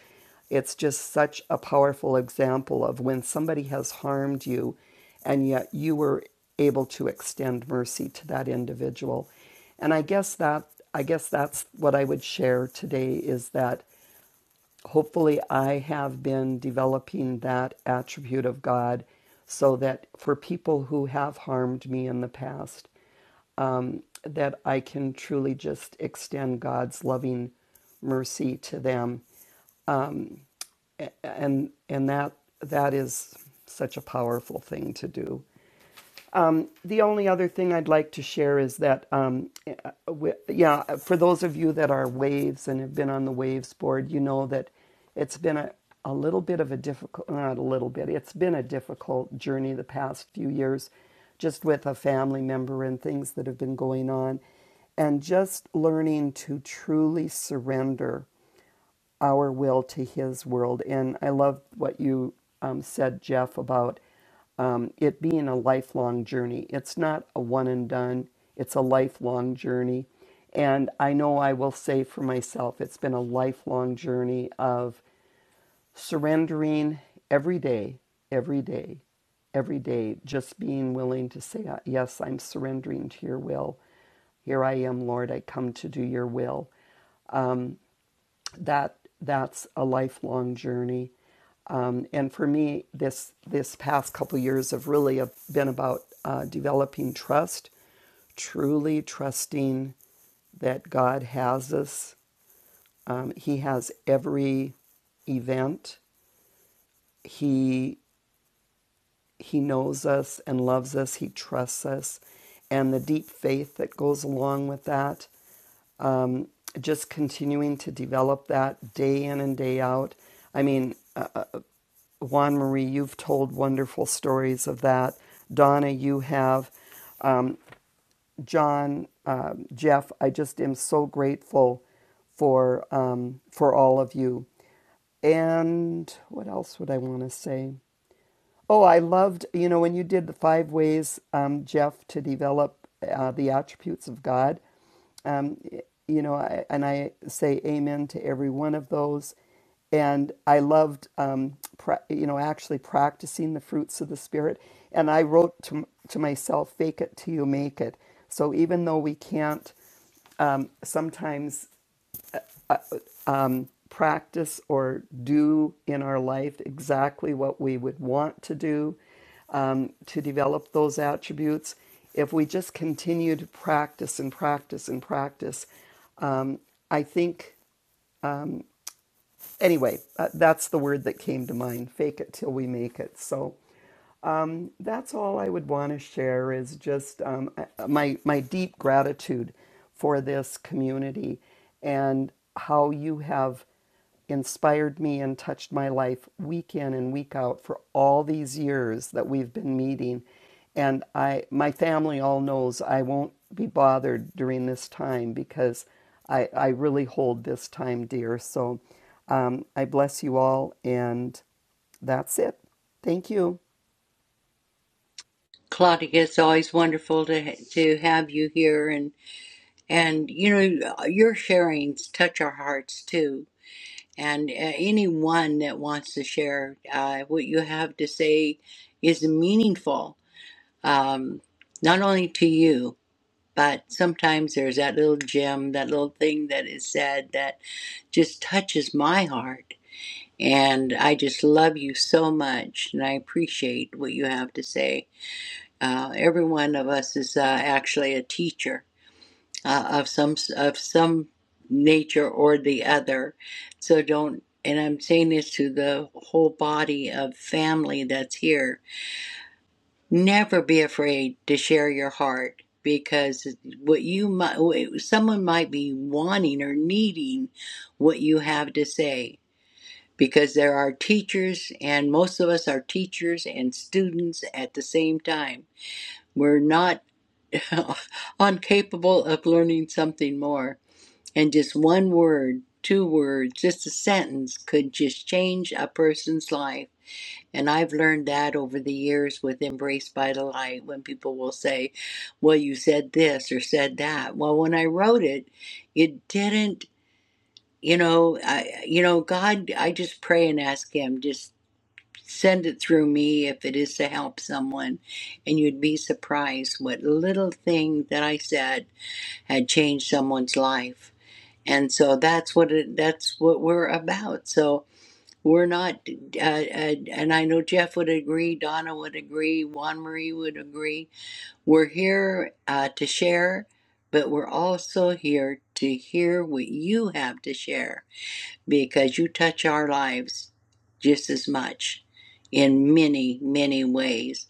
S5: it's just such a powerful example of when somebody has harmed you and yet you were able to extend mercy to that individual. And I guess that I guess that's what I would share today is that hopefully I have been developing that attribute of God so that for people who have harmed me in the past that I can truly just extend God's loving mercy to them and and that that is such a powerful thing to do the only other thing I'd like to share is that, um, uh, yeah, for those of you that are waves and have been on the waves board, you know that it's been a, a little bit of a difficult, not a little bit, it's been a difficult journey the past few years, just with a family member and things that have been going on. And just learning to truly surrender our will to his world. And I love what you um, said, Jeff, about um, it being a lifelong journey. It's not a one and done, it's a lifelong journey. And I know I will say for myself, it's been a lifelong journey of surrendering every day, every day, every day, just being willing to say, Yes, I'm surrendering to your will. Here I am, Lord, I come to do your will that that's a lifelong journey. Um, and for me, this this past couple years have really have been about uh, developing trust, truly trusting that God has us. Um, he has every event. He he knows us and loves us. He trusts us, and the deep faith that goes along with that. Just continuing to develop that day in and day out. I mean, uh, uh, Juan Marie, you've told wonderful stories of that. Donna, you have. John, um, Jeff, I just am so grateful for um, for all of you. And what else would I want to say? Oh, I loved you know when you did the five ways, um, Jeff, to develop uh, the attributes of God um, you know, I, and I say amen to every one of those. And I loved, um, pra- you know, actually practicing the fruits of the Spirit. And I wrote to, to myself, fake it till you make it. So even though we can't um, sometimes practice or do in our life exactly what we would want to do um, to develop those attributes. If we just continue to practice and practice and practice, um, I think, anyway, uh, that's the word that came to mind fake it till we make it. So that's all I would want to share is just um, uh, my my deep gratitude for this community and how you have inspired me and touched my life week in and week out for all these years that we've been meeting and I my family all knows I won't be bothered during this time because I, I really hold this time dear so um, I bless you all and that's it thank you
S2: Claudia, it's always wonderful to ha- to have you here, and. And you know, your sharings touch our hearts too. And uh, anyone that wants to share uh, what you have to say is meaningful, um, not only to you, but sometimes there's that little gem, that little thing that is said that just touches my heart. And I just love you so much, and I appreciate what you have to say. Uh, every one of us is uh, actually a teacher uh, of some of some nature or the other. So don't. And I'm saying this to the whole body of family that's here. Never be afraid to share your heart because what you might, someone might be wanting or needing what you have to say. Because there are teachers, and most of us are teachers and students at the same time. We're not incapable of learning something more. And just one word, two words, just a sentence could just change a person's life. And I've learned that over the years with Embrace by the Light when people will say, Well, you said this or said that. Well, when I wrote it, it didn't, you know, I, you know, God, I just pray and ask Him, just send it through me if it is to help someone. And you'd be surprised what little thing that I said had changed someone's life and so that's what it, that's what we're about. So we're not, uh, uh, and I know Jeff would agree, Donna would agree, Juan Marie would agree. We're here uh, to share, but we're also here to hear what you have to share because you touch our lives just as much in many many ways.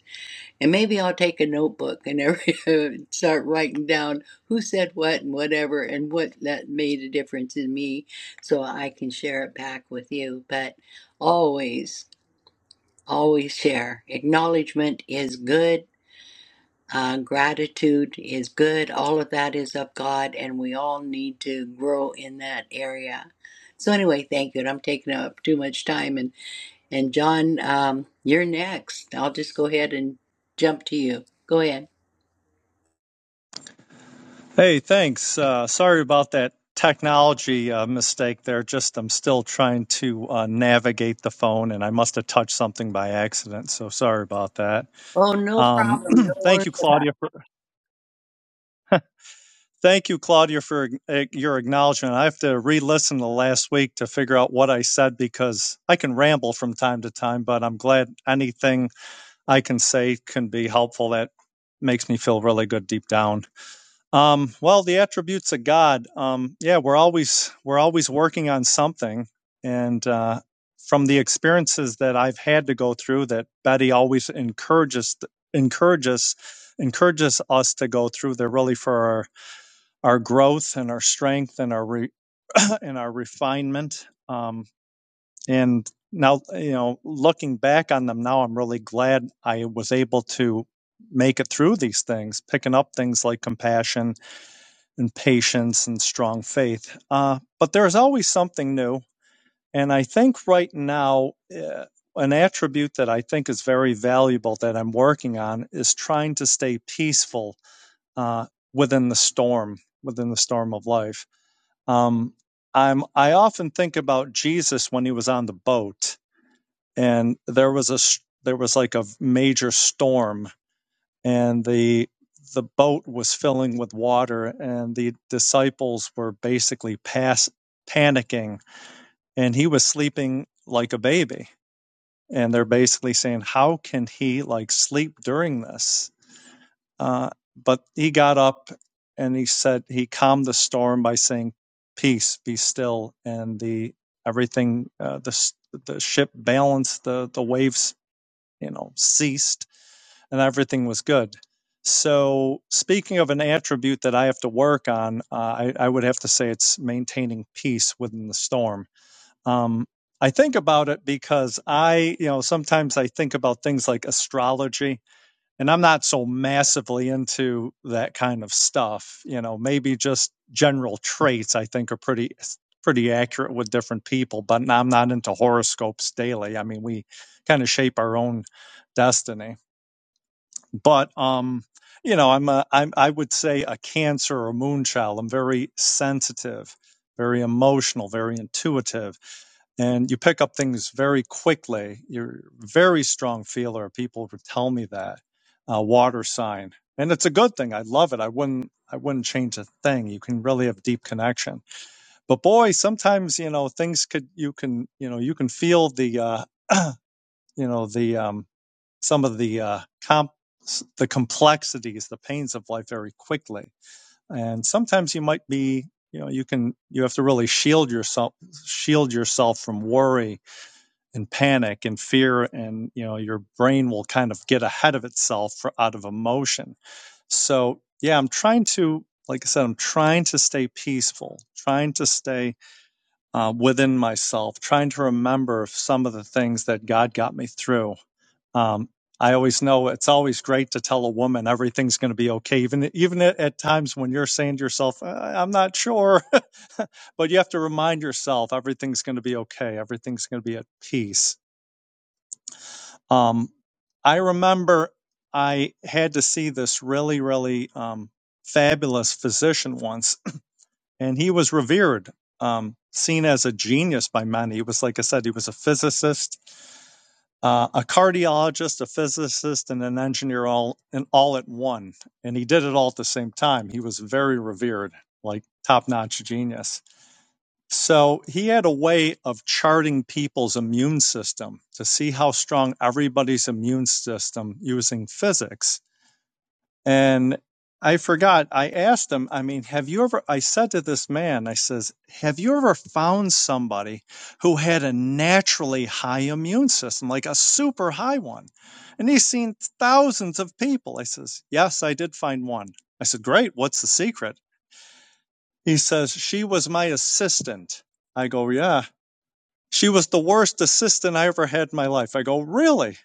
S2: And maybe I'll take a notebook and every, start writing down who said what and whatever and what that made a difference in me so I can share it back with you. But always, always share. Acknowledgement is good. Uh, gratitude is good. All of that is of God, and we all need to grow in that area. So anyway, thank you. And I'm taking up too much time. And and John, um, you're next. I'll just go ahead and jump to you. Go ahead.
S6: Hey, thanks. Uh, sorry about that technology uh, mistake there. Just I'm still trying to uh, navigate the phone, and I must have touched something by accident. So sorry about that.
S2: Oh, no
S6: Um,
S2: problem. Don't
S6: thank
S2: worry.
S6: you, Claudia, for Thank you, Claudia, for uh, your acknowledgement. I have to re listen to last week to figure out what I said because I can ramble from time to time, but I'm glad anything I can say can be helpful. That makes me feel really good deep down. Um, well, the attributes of God. Um, yeah, we're always we're always working on something, and uh, from the experiences that I've had to go through, that Betty always encourages encourages encourages us to go through. They're really for our our growth and our strength and our re- and our refinement. Um, and now, you know, looking back on them now, I'm really glad I was able to make it through these things, picking up things like compassion and patience and strong faith. Uh, but there's always something new, and I think right now. Uh, an attribute that I think is very valuable that I'm working on is trying to stay peaceful uh, within the storm, within the storm of life um, I'm I often think about Jesus when he was on the boat, and there was a there was like a major storm, and the the boat was filling with water, and the disciples were basically pass panicking, and he was sleeping like a baby, and they're basically saying, "How can he like sleep during this?" Uh, but he got up and he said he calmed the storm by saying, "Peace, be still." And the everything uh, the the ship balanced, the the waves you know ceased, and everything was good. So, speaking of an attribute that I have to work on, uh, I, I would have to say it's maintaining peace within the storm. Um, I think about it because I, you know, sometimes I think about things like astrology and I'm not so massively into that kind of stuff. You know, maybe just general traits I think are pretty pretty accurate with different people, but i I'm not into horoscopes daily. I mean, we kind of shape our own destiny. But um, you know, I'm a I'm I would say a Cancer or Moon child. I'm very sensitive, very emotional, very intuitive and you pick up things very quickly. You're a very strong feeler. People would tell me that uh, water sign, and it's a good thing. I love it. I wouldn't. I wouldn't change a thing. You can really have deep connection. But boy, sometimes you know things could. You can you know you can feel the uh, you know the um, some of the uh, comp the complexities, the pains of life very quickly. And sometimes you might be you know you can you have to really shield yourself shield yourself from worry and panic and fear and you know your brain will kind of get ahead of itself for, out of emotion so yeah i'm trying to like i said i'm trying to stay peaceful trying to stay uh, within myself trying to remember some of the things that god got me through um, i always know it's always great to tell a woman everything's going to be okay even even at, at times when you're saying to yourself "I- i'm not sure but you have to remind yourself everything's going to be okay everything's going to be at peace um, I remember I had to see this really, really um, fabulous physician once, and he was revered, um, seen as a genius by many. He was, like I said, he was a physicist, uh, a cardiologist, a physicist, and an engineer all and all at one. And he did it all at the same time. He was very revered, like top notch genius so he had a way of charting people's immune system to see how strong everybody's immune system using physics. And I forgot, I asked him, I mean, have you ever, I said to this man, I says, have you ever found somebody who had a naturally high immune system, like a super high one? And he's seen thousands of people. I says, yes, I did find one. I said, great. What's the secret? He says, she was my assistant. I go, yeah. She was the worst assistant I ever had in my life. I go, really?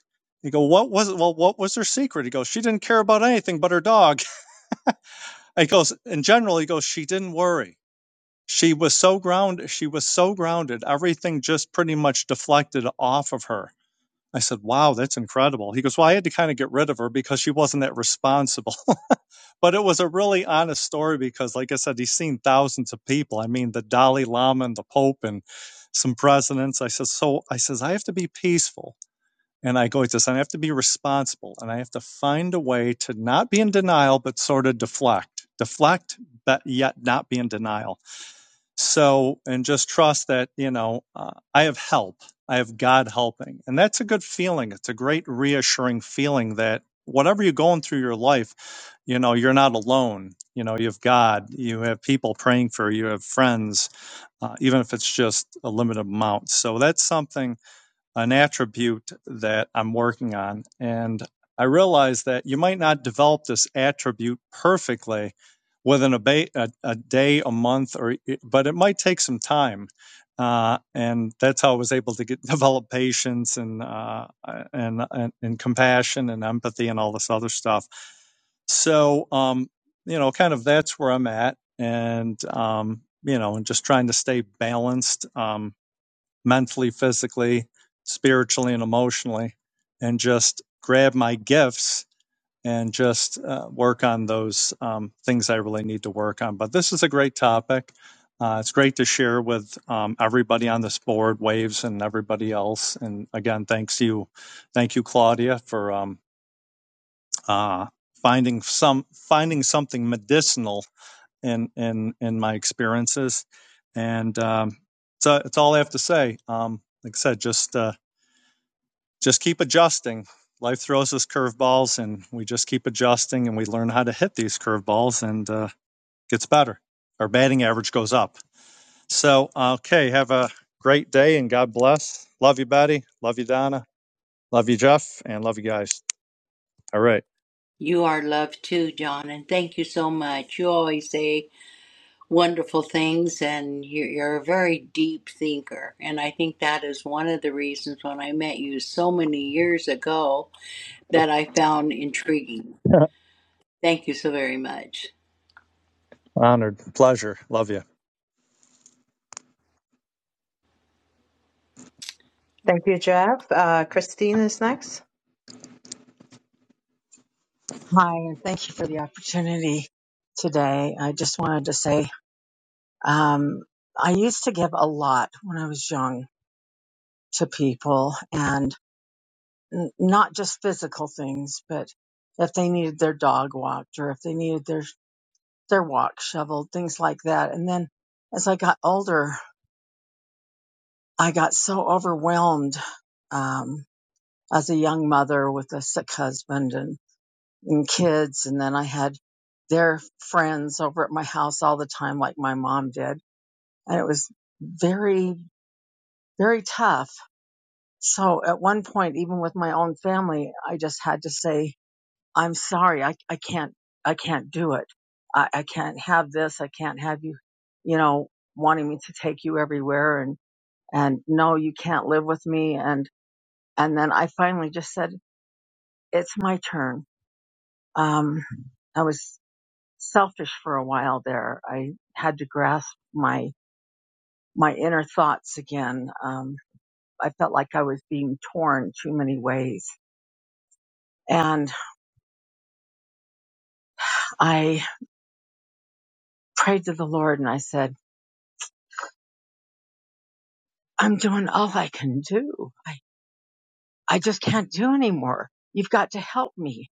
S6: He go, what was it? Well, what was her secret? He goes, she didn't care about anything but her dog. I goes, in general, he goes, she didn't worry. She was so grounded. She was so grounded. Everything just pretty much deflected off of her. I said, wow, that's incredible. He goes, well, I had to kind of get rid of her because she wasn't that responsible but it was a really honest story because, like I said, he's seen thousands of people. I mean, the Dalai Lama and the Pope and some presidents. I said, so I says I have to be peaceful, and I go with this, and I have to be responsible, and I have to find a way to not be in denial, but sort of deflect, deflect, but yet not be in denial. So, and just trust that, you know, uh, I have help. I have God helping. And that's a good feeling. It's a great reassuring feeling that whatever you're going through your life, you know, you're not alone. You know, you have God, you have people praying for you, you have friends, uh, even if it's just a limited amount. So that's something an attribute that I'm working on. And I realize that you might not develop this attribute perfectly within a, ba- a, a day, a month, or e, but it might take some time. Uh, and that's how I was able to get develop patience and, uh, and and and compassion and empathy and all this other stuff. So um, you know, kind of that's where I'm at, and um, you know, and just trying to stay balanced. Um, mentally, physically, spiritually, and emotionally, and just grab my gifts and just uh, work on those um, things I really need to work on. But this is a great topic. Uh, it's great to share with um, everybody on this board, Waves, and everybody else. And again, thanks you, thank you, Claudia, for um, uh, finding some finding something medicinal in in in my experiences. And um, so it's all I have to say. Um, like I said, just uh, just keep adjusting. Life throws us curveballs, and we just keep adjusting, and we learn how to hit these curveballs, and uh, gets better. Our batting average goes up. So, okay, have a great day, and God bless. Love you, Betty. Love you, Donna. Love you, Jeff, and love you guys. All right,
S2: You are loved too, John, and thank you so much. You always say wonderful things, and you're, you're a very deep thinker. And I think that is one of the reasons when I met you so many years ago that I found intriguing. Thank you so very much.
S6: honored, pleasure. Love you.
S4: Thank you, Jeff. Uh, Christine is next.
S7: Hi, and thank you for the opportunity today. I just wanted to say um, I used to give a lot when I was young to people, and n- not just physical things, but if they needed their dog walked or if they needed their their walk shoveled, things like that. And then as I got older, I got so overwhelmed um, as a young mother with a sick husband and and kids. And then I had their friends over at my house all the time, like my mom did. And it was very, very tough. So at one point, even with my own family, I just had to say, I'm sorry. I, I can't, I can't do it. I, I can't have this. I can't have you, you know, wanting me to take you everywhere and, and no, you can't live with me. And, and then I finally just said, it's my turn. Um, I was selfish for a while there. I had to grasp my my inner thoughts again. Um, I felt like I was being torn too many ways, and I prayed to the Lord and I said, "I'm doing all I can do. I I just can't do anymore. You've got to help me."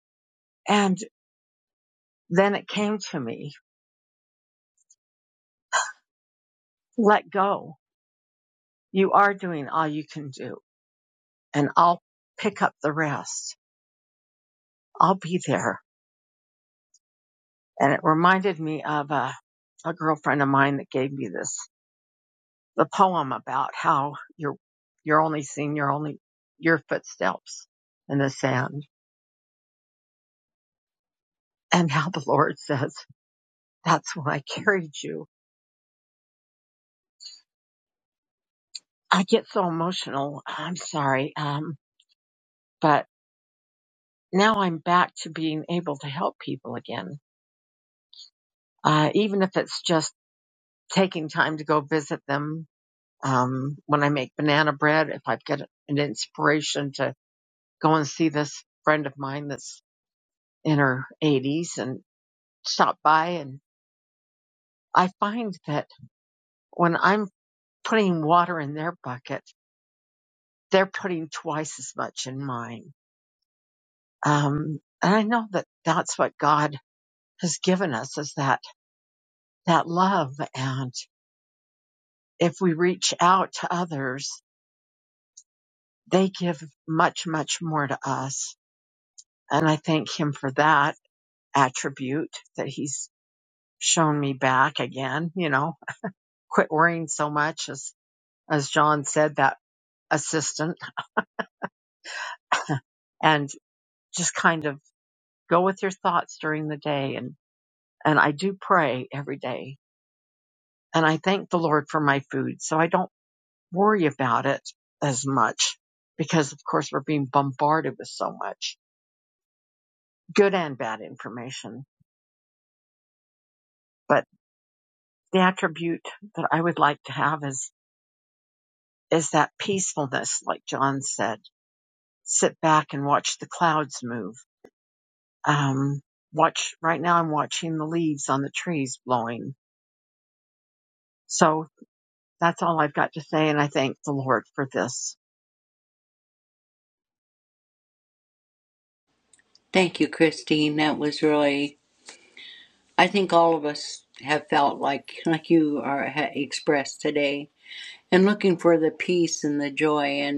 S7: And then it came to me, "Let go. You are doing all you can do, and I'll pick up the rest. I'll be there." And it reminded me of a, a girlfriend of mine that gave me this, the poem about how you're, you're only seeing your only, your footsteps in the sand and how the Lord says, that's why I carried you. I get so emotional. I'm sorry. Um, but now I'm back to being able to help people again. Uh, even if it's just taking time to go visit them. Um, when I make banana bread, if I've got an inspiration to go and see this friend of mine that's in her 80s and stop by. And I find that when I'm putting water in their bucket, they're putting twice as much in mine. Um, and I know that that's what God has given us is that, that love. And if we reach out to others, they give much, much more to us. And I thank him for that attribute that he's shown me back again, you know quit worrying so much as as John said that assistant and just kind of go with your thoughts during the day and and I do pray every day and I thank the Lord for my food so I don't worry about it as much because of course we're being bombarded with so much good and bad information but the attribute that I would like to have is is that peacefulness like John said sit back and watch the clouds move um, watch right now I'm watching the leaves on the trees blowing. So that's all I've got to say. And I thank the Lord for this.
S2: Thank you, Christine. That was really, I think all of us have felt like, like you are ha- expressed today, and looking for the peace and the joy.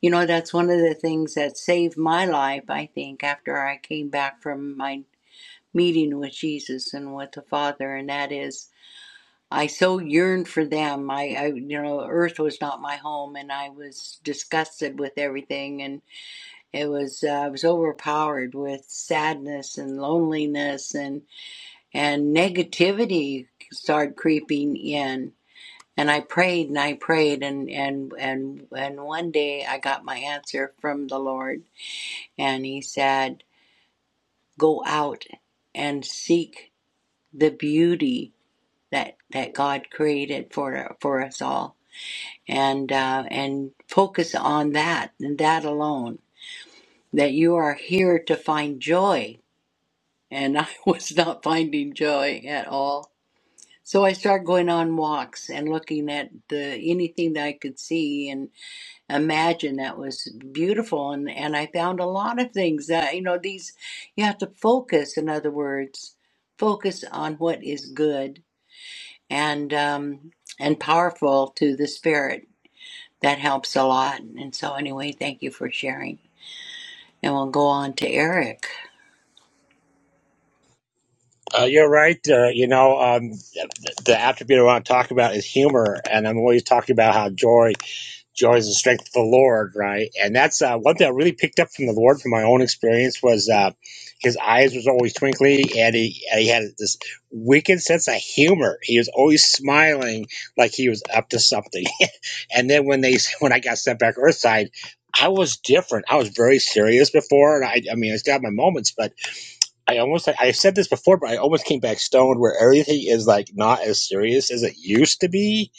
S2: You know, that's one of the things that saved my life, I think, after I came back from my meeting with Jesus and with the Father, and that is I so yearned for them. I, I you know, earth was not my home, and I was disgusted with everything, and it was uh, I was overpowered with sadness and loneliness and and negativity started creeping in. And I prayed and I prayed, and and and and one day I got my answer from the Lord and he said, Go out and seek the beauty that, that God created for, for us all and, uh, and focus on that and that alone. That you are here to find joy. And I was not finding joy at all. So I started going on walks and looking at the, anything that I could see and. imagine that was beautiful and and I found a lot of things that you know these you have to focus in other words focus on what is good and um and powerful to the spirit that helps a lot and so anyway thank you for sharing and we'll go on to Eric
S8: Uh, you're right. Uh, you know, um, the, the attribute I want to talk about is humor, and I'm always talking about how joy, joy is the strength of the Lord, right? And that's uh, one thing I really picked up from the Lord from my own experience was uh, his eyes was always twinkly, and he and he had this wicked sense of humor. He was always smiling like he was up to something. and then when they when I got sent back Earthside. I was different. I was very serious before, and I, I mean, it's got my moments, but I almost I said this before, but I almost came back stoned where everything is like not as serious as it used to be,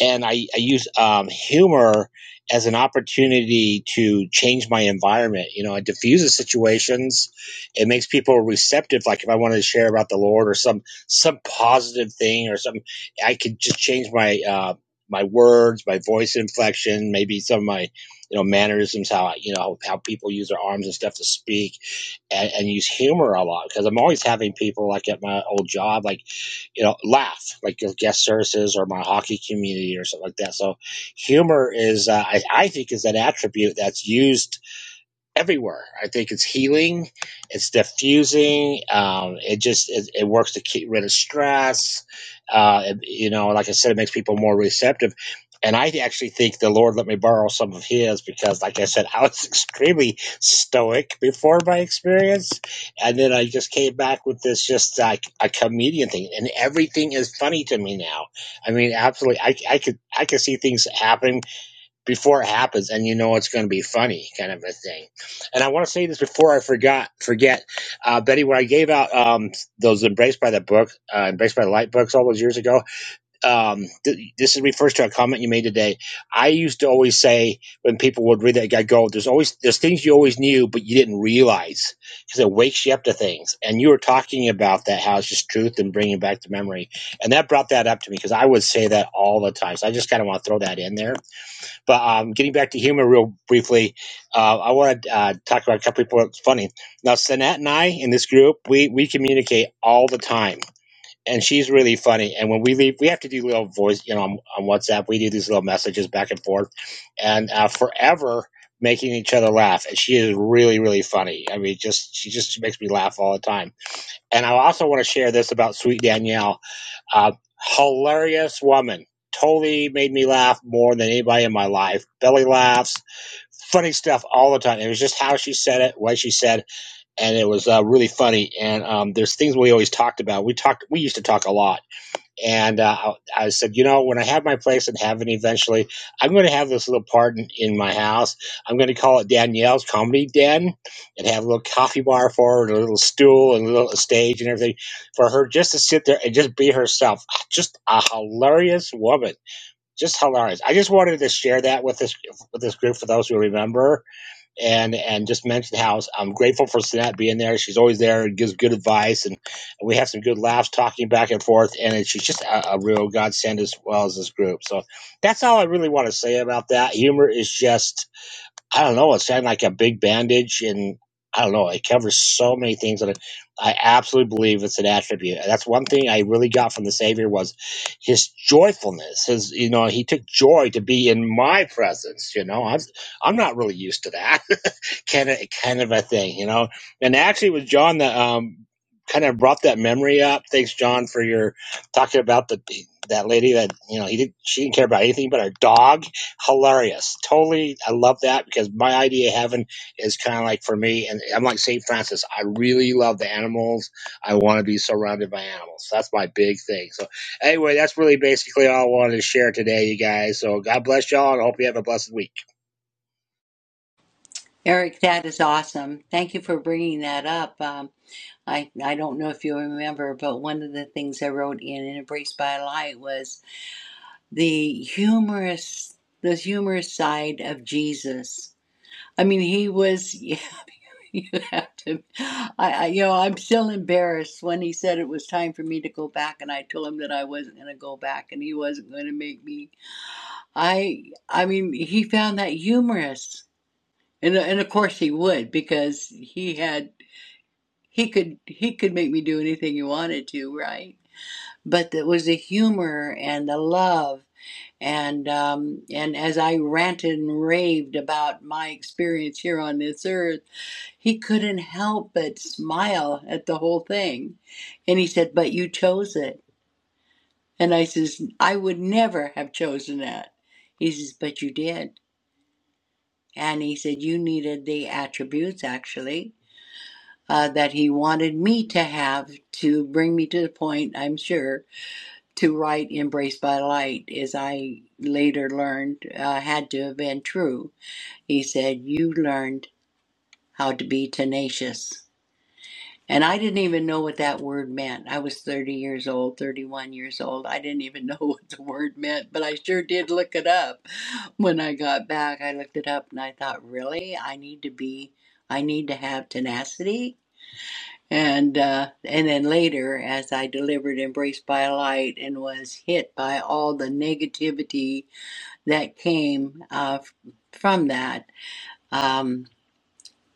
S8: and I I use um, humor as an opportunity to change my environment. You know, it diffuses situations, it makes people receptive. Like if I wanted to share about the Lord or some some positive thing or some, I could just change my uh, my words, my voice inflection, maybe some of my you know mannerisms, how I, you know how people use their arms and stuff to speak and, and use humor a lot because I'm always having people like at my old job, like, you know, laugh, like your guest services or my hockey community or something like that. So humor is, uh, I, I think is an attribute that's used everywhere. I think it's healing, it's diffusing. Um, it just it, it works to get rid of stress. Uh, it- you know, like I said, it makes people more receptive. And I actually think the Lord let me borrow some of His because, like I said, I was extremely stoic before my experience, and then I just came back with this just like a comedian thing, and everything is funny to me now. I mean, absolutely, I, I could I could see things happening before it happens and you know it's going to be funny kind of a thing and i want to say this before i forgot forget uh, betty when i gave out um, those embraced by the book uh, embraced by the light books all those years ago um, th- this is refers to a comment you made today i used to always say when people would read that i go there's always there's things you always knew but you didn't realize because it wakes you up to things and you were talking about that how it's just truth and bringing back to memory and that brought that up to me because i would say that all the time so i just kind of want to throw that in there but um, getting back to humor real briefly, uh, I want to uh, talk about a couple people that's funny. Now, Sanat and I in this group, we, we communicate all the time, and she's really funny. And when we leave, we have to do little voice, you know, on, on WhatsApp, we do these little messages back and forth, and uh, forever making each other laugh. And she is really, really funny. I mean, just she just makes me laugh all the time. And I also want to share this about Sweet Danielle. Uh, hilarious woman. Totally made me laugh more than anybody in my life. Belly laughs, funny stuff all the time. It was just how she said it, what she said, and it was uh, really funny. And um, there's things we always talked about. We talked, we used to talk a lot and uh, I said, you know, when I have my place in heaven eventually, I'm going to have this little part in, in my house. I'm going to call it Danielle's Comedy Den and have a little coffee bar for her and a little stool and a little stage and everything for her just to sit there and just be herself. Just a hilarious woman. Just hilarious. I just wanted to share that with this with this group for those who remember and and just mentioned how I'm grateful for Sanat being there. She's always there and gives good advice, and, and we have some good laughs talking back and forth. And she's just a, a real godsend as well as this group. So that's all I really want to say about that. Humor is just I don't know. It's had like a big bandage, and I don't know. It covers so many things that I absolutely believe it's an attribute. that's one thing I really got from the Savior was his joyfulness. His, you know, he took joy to be in my presence. You know, I'm I'm not really used to that kind of kind of a thing. You know, and actually, it was John that um kind of brought that memory up. Thanks, John, for your talking about the that lady that you know he didn't she didn't care about anything but her dog hilarious. Totally, I love that because my idea of heaven is kind of like for me, and I'm like St. Francis. I really love the animals. I want to be surrounded by animals. That's my big thing. So, anyway, that's really basically all I wanted to share today, you guys. So, God bless y'all, and I hope you have a blessed week.
S2: Eric that is awesome thank you for bringing that up um I, I don't know if you remember, but one of the things I wrote in Embraced by Light was the humorous the humorous side of Jesus. I mean, he was. You have to. I, I, you know, I'm still embarrassed when he said it was time for me to go back, and I told him that I wasn't going to go back, and he wasn't going to make me. I, I mean, he found that humorous, and and of course he would because he had he could he could make me do anything he wanted to, right? But there was the humor and the love and um, and as I ranted and raved about my experience here on this earth, he couldn't help but smile at the whole thing, and he said, "But you chose it." And I says, "I would never have chosen that." He says, "But you did," and he said, "You needed the attributes actually." Uh, that he wanted me to have to bring me to the point, I'm sure, to write Embraced by Light, as I later learned uh, had to have been true He said, You learned how to be tenacious. And I didn't even know what that word meant. I was 30 years old, 31 years old. I didn't even know what the word meant, but I sure did look it up. When I got back, I looked it up and I thought, really? I need to be, I need to have tenacity? And uh, and then later, as I delivered "Embraced by Light" and was hit by all the negativity that came uh, from that, um,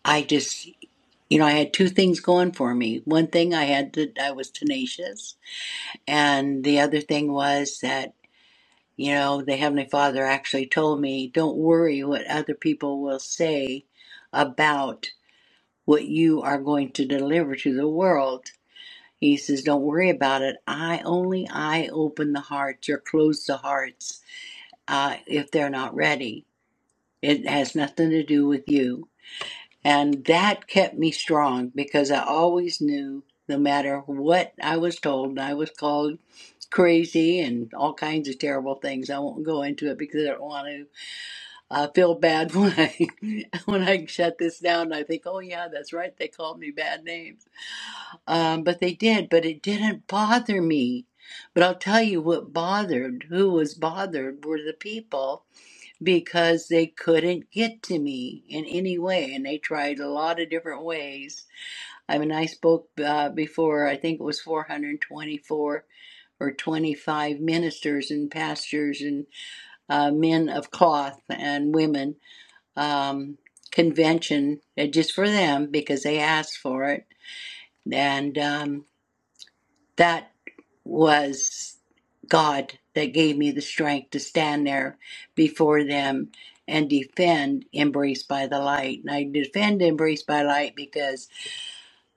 S2: I just You know, I had two things going for me. One thing I had that I was tenacious, and the other thing was that, you know, the Heavenly Father actually told me, don't worry what other people will say about what you are going to deliver to the world. He says, don't worry about it. I only I open the hearts or close the hearts uh, if they're not ready. It has nothing to do with you. And that kept me strong because I always knew no matter what I was told, I was called crazy and all kinds of terrible things. I won't go into it because I don't want to uh, feel bad when I when I shut this down. I think, oh yeah, that's right. They called me bad names, um, but they did. But it didn't bother me. But I'll tell you what bothered. Who was bothered were the people because they couldn't get to me in any way and they tried a lot of different ways i mean i spoke uh, before i think it was 424 or 25 ministers and pastors and uh, men of cloth and women um, convention uh, just for them because they asked for it and um, that was God that gave me the strength to stand there before them and defend Embraced by the Light. And I defend Embraced by Light because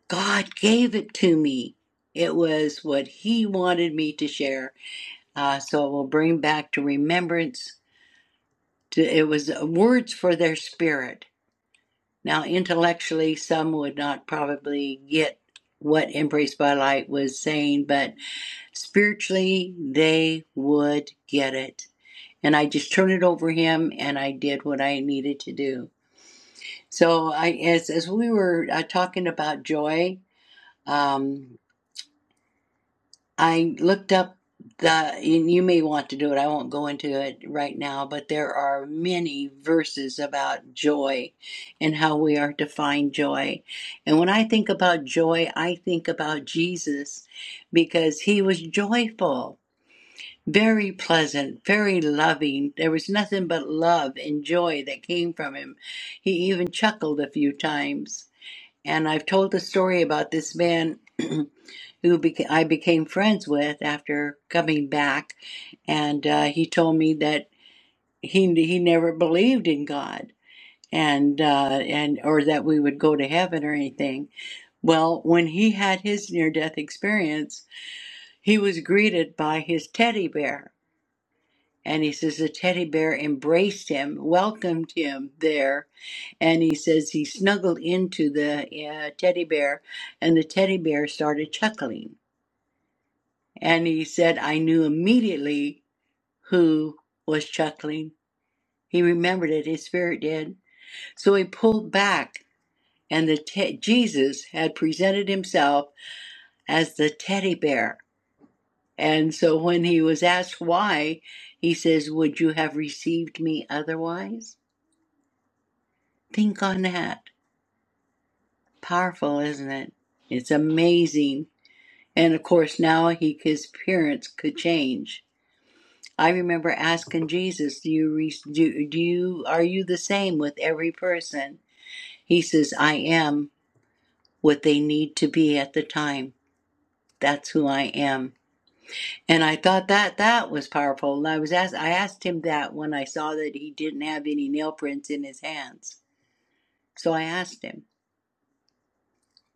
S2: God gave it to me. It was what He wanted me to share. Uh, so it will bring back to remembrance. To, it was uh, words for their spirit. Now, intellectually, some would not probably get what Embraced by Light was saying, but Spiritually, they would get it. And I just turned it over him and I did what I needed to do. So I as as we were uh, talking about joy, um, I looked up the and you may want to do it. I won't go into it right now, but there are many verses about joy and how we are to find joy. And when I think about joy, I think about Jesus because he was joyful Very pleasant, very loving. There was nothing but love and joy that came from him. He even chuckled a few times. And I've told the story about this man who beca- I became friends with after coming back, and uh, he told me that he he never believed in God and uh, and or that we would go to heaven or anything. Well, when he had his near death experience, he was greeted by his teddy bear And he says the teddy bear embraced him, welcomed him there. And he says he snuggled into the uh, teddy bear, and the teddy bear started chuckling. And he said, I knew immediately who was chuckling. He remembered it, his spirit did. So he pulled back, and the te- Jesus had presented himself as the teddy bear. And so when he was asked why, he says, Would you have received me otherwise? Think on that. Powerful, isn't it? It's amazing. And of course, now he, his appearance could change. I remember asking Jesus, "Do you do, do you are you the same with every person?" He says, "I am what they need to be at the time. That's who I am." And I thought that that was powerful. And I was asked, I asked him that when I saw that he didn't have any nail prints in his hands. So I asked him.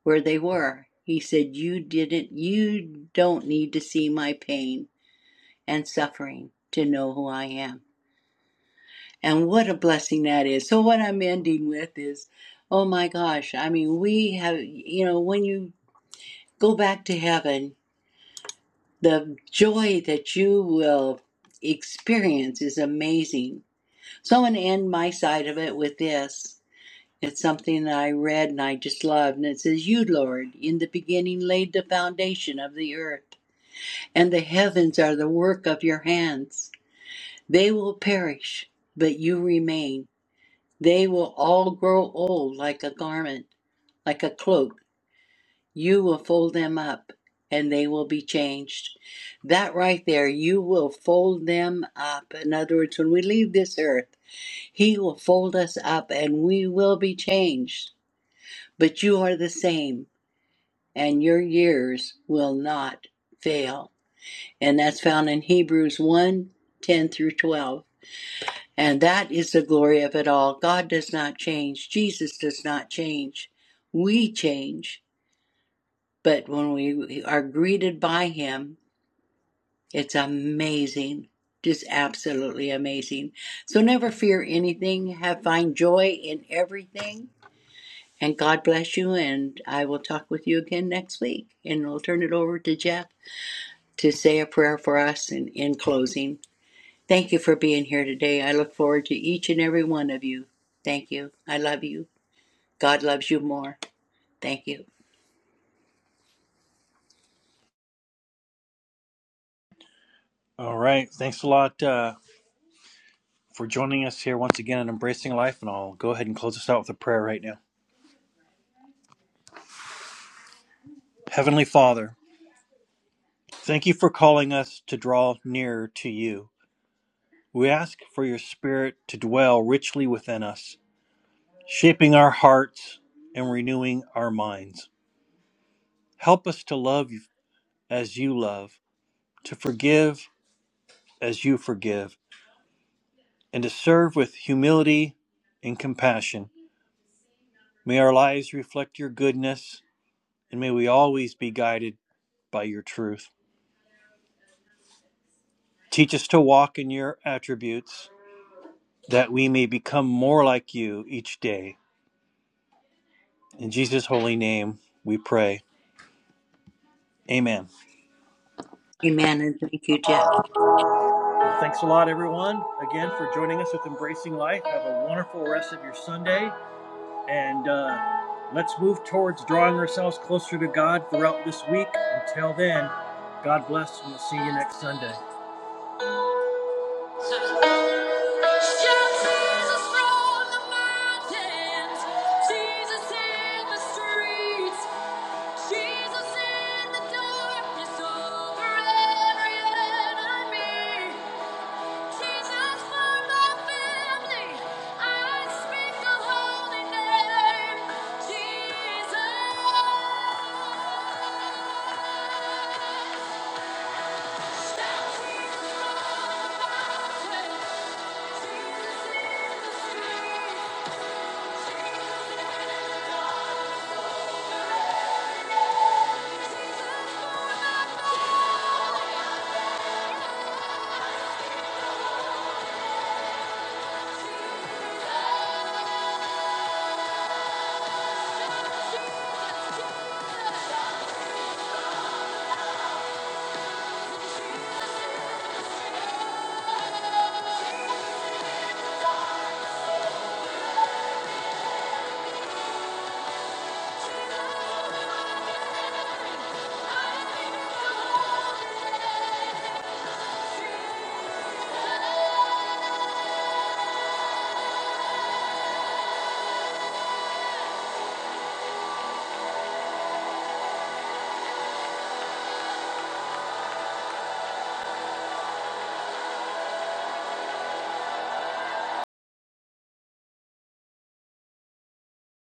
S2: where they were. He said, You didn't, you don't need to see my pain and suffering to know who I am. And what a blessing that is. So, what I'm ending with is, oh my gosh, I mean, we have, you know, when you go back to heaven, the joy that you will experience is amazing. So, I'm going to end my side of it with this. It's something that I read and I just loved. And it says, You, Lord, in the beginning laid the foundation of the earth and the heavens are the work of your hands. They will perish, but you remain. They will all grow old like a garment, like a cloak. You will fold them up, and they will be changed. That right there, you will fold them up. In other words, when we leave this earth, He will fold us up, and we will be changed. But you are the same, and your years will not fail. and that's found in Hebrews one 10 through 12. And that is the glory of it all. God does not change, Jesus does not change. We change, but when we are greeted by Him, it's amazing. Just absolutely amazing. So never fear anything. Have find joy in everything. And God bless you. And I will talk with you again next week. And I'll turn it over to Jeff to say a prayer for us in, in closing. Thank you for being here today. I look forward to each and every one of you. Thank you. I love you. God loves you more. Thank you. Amen. And thank you, Jeff.
S1: Thank you.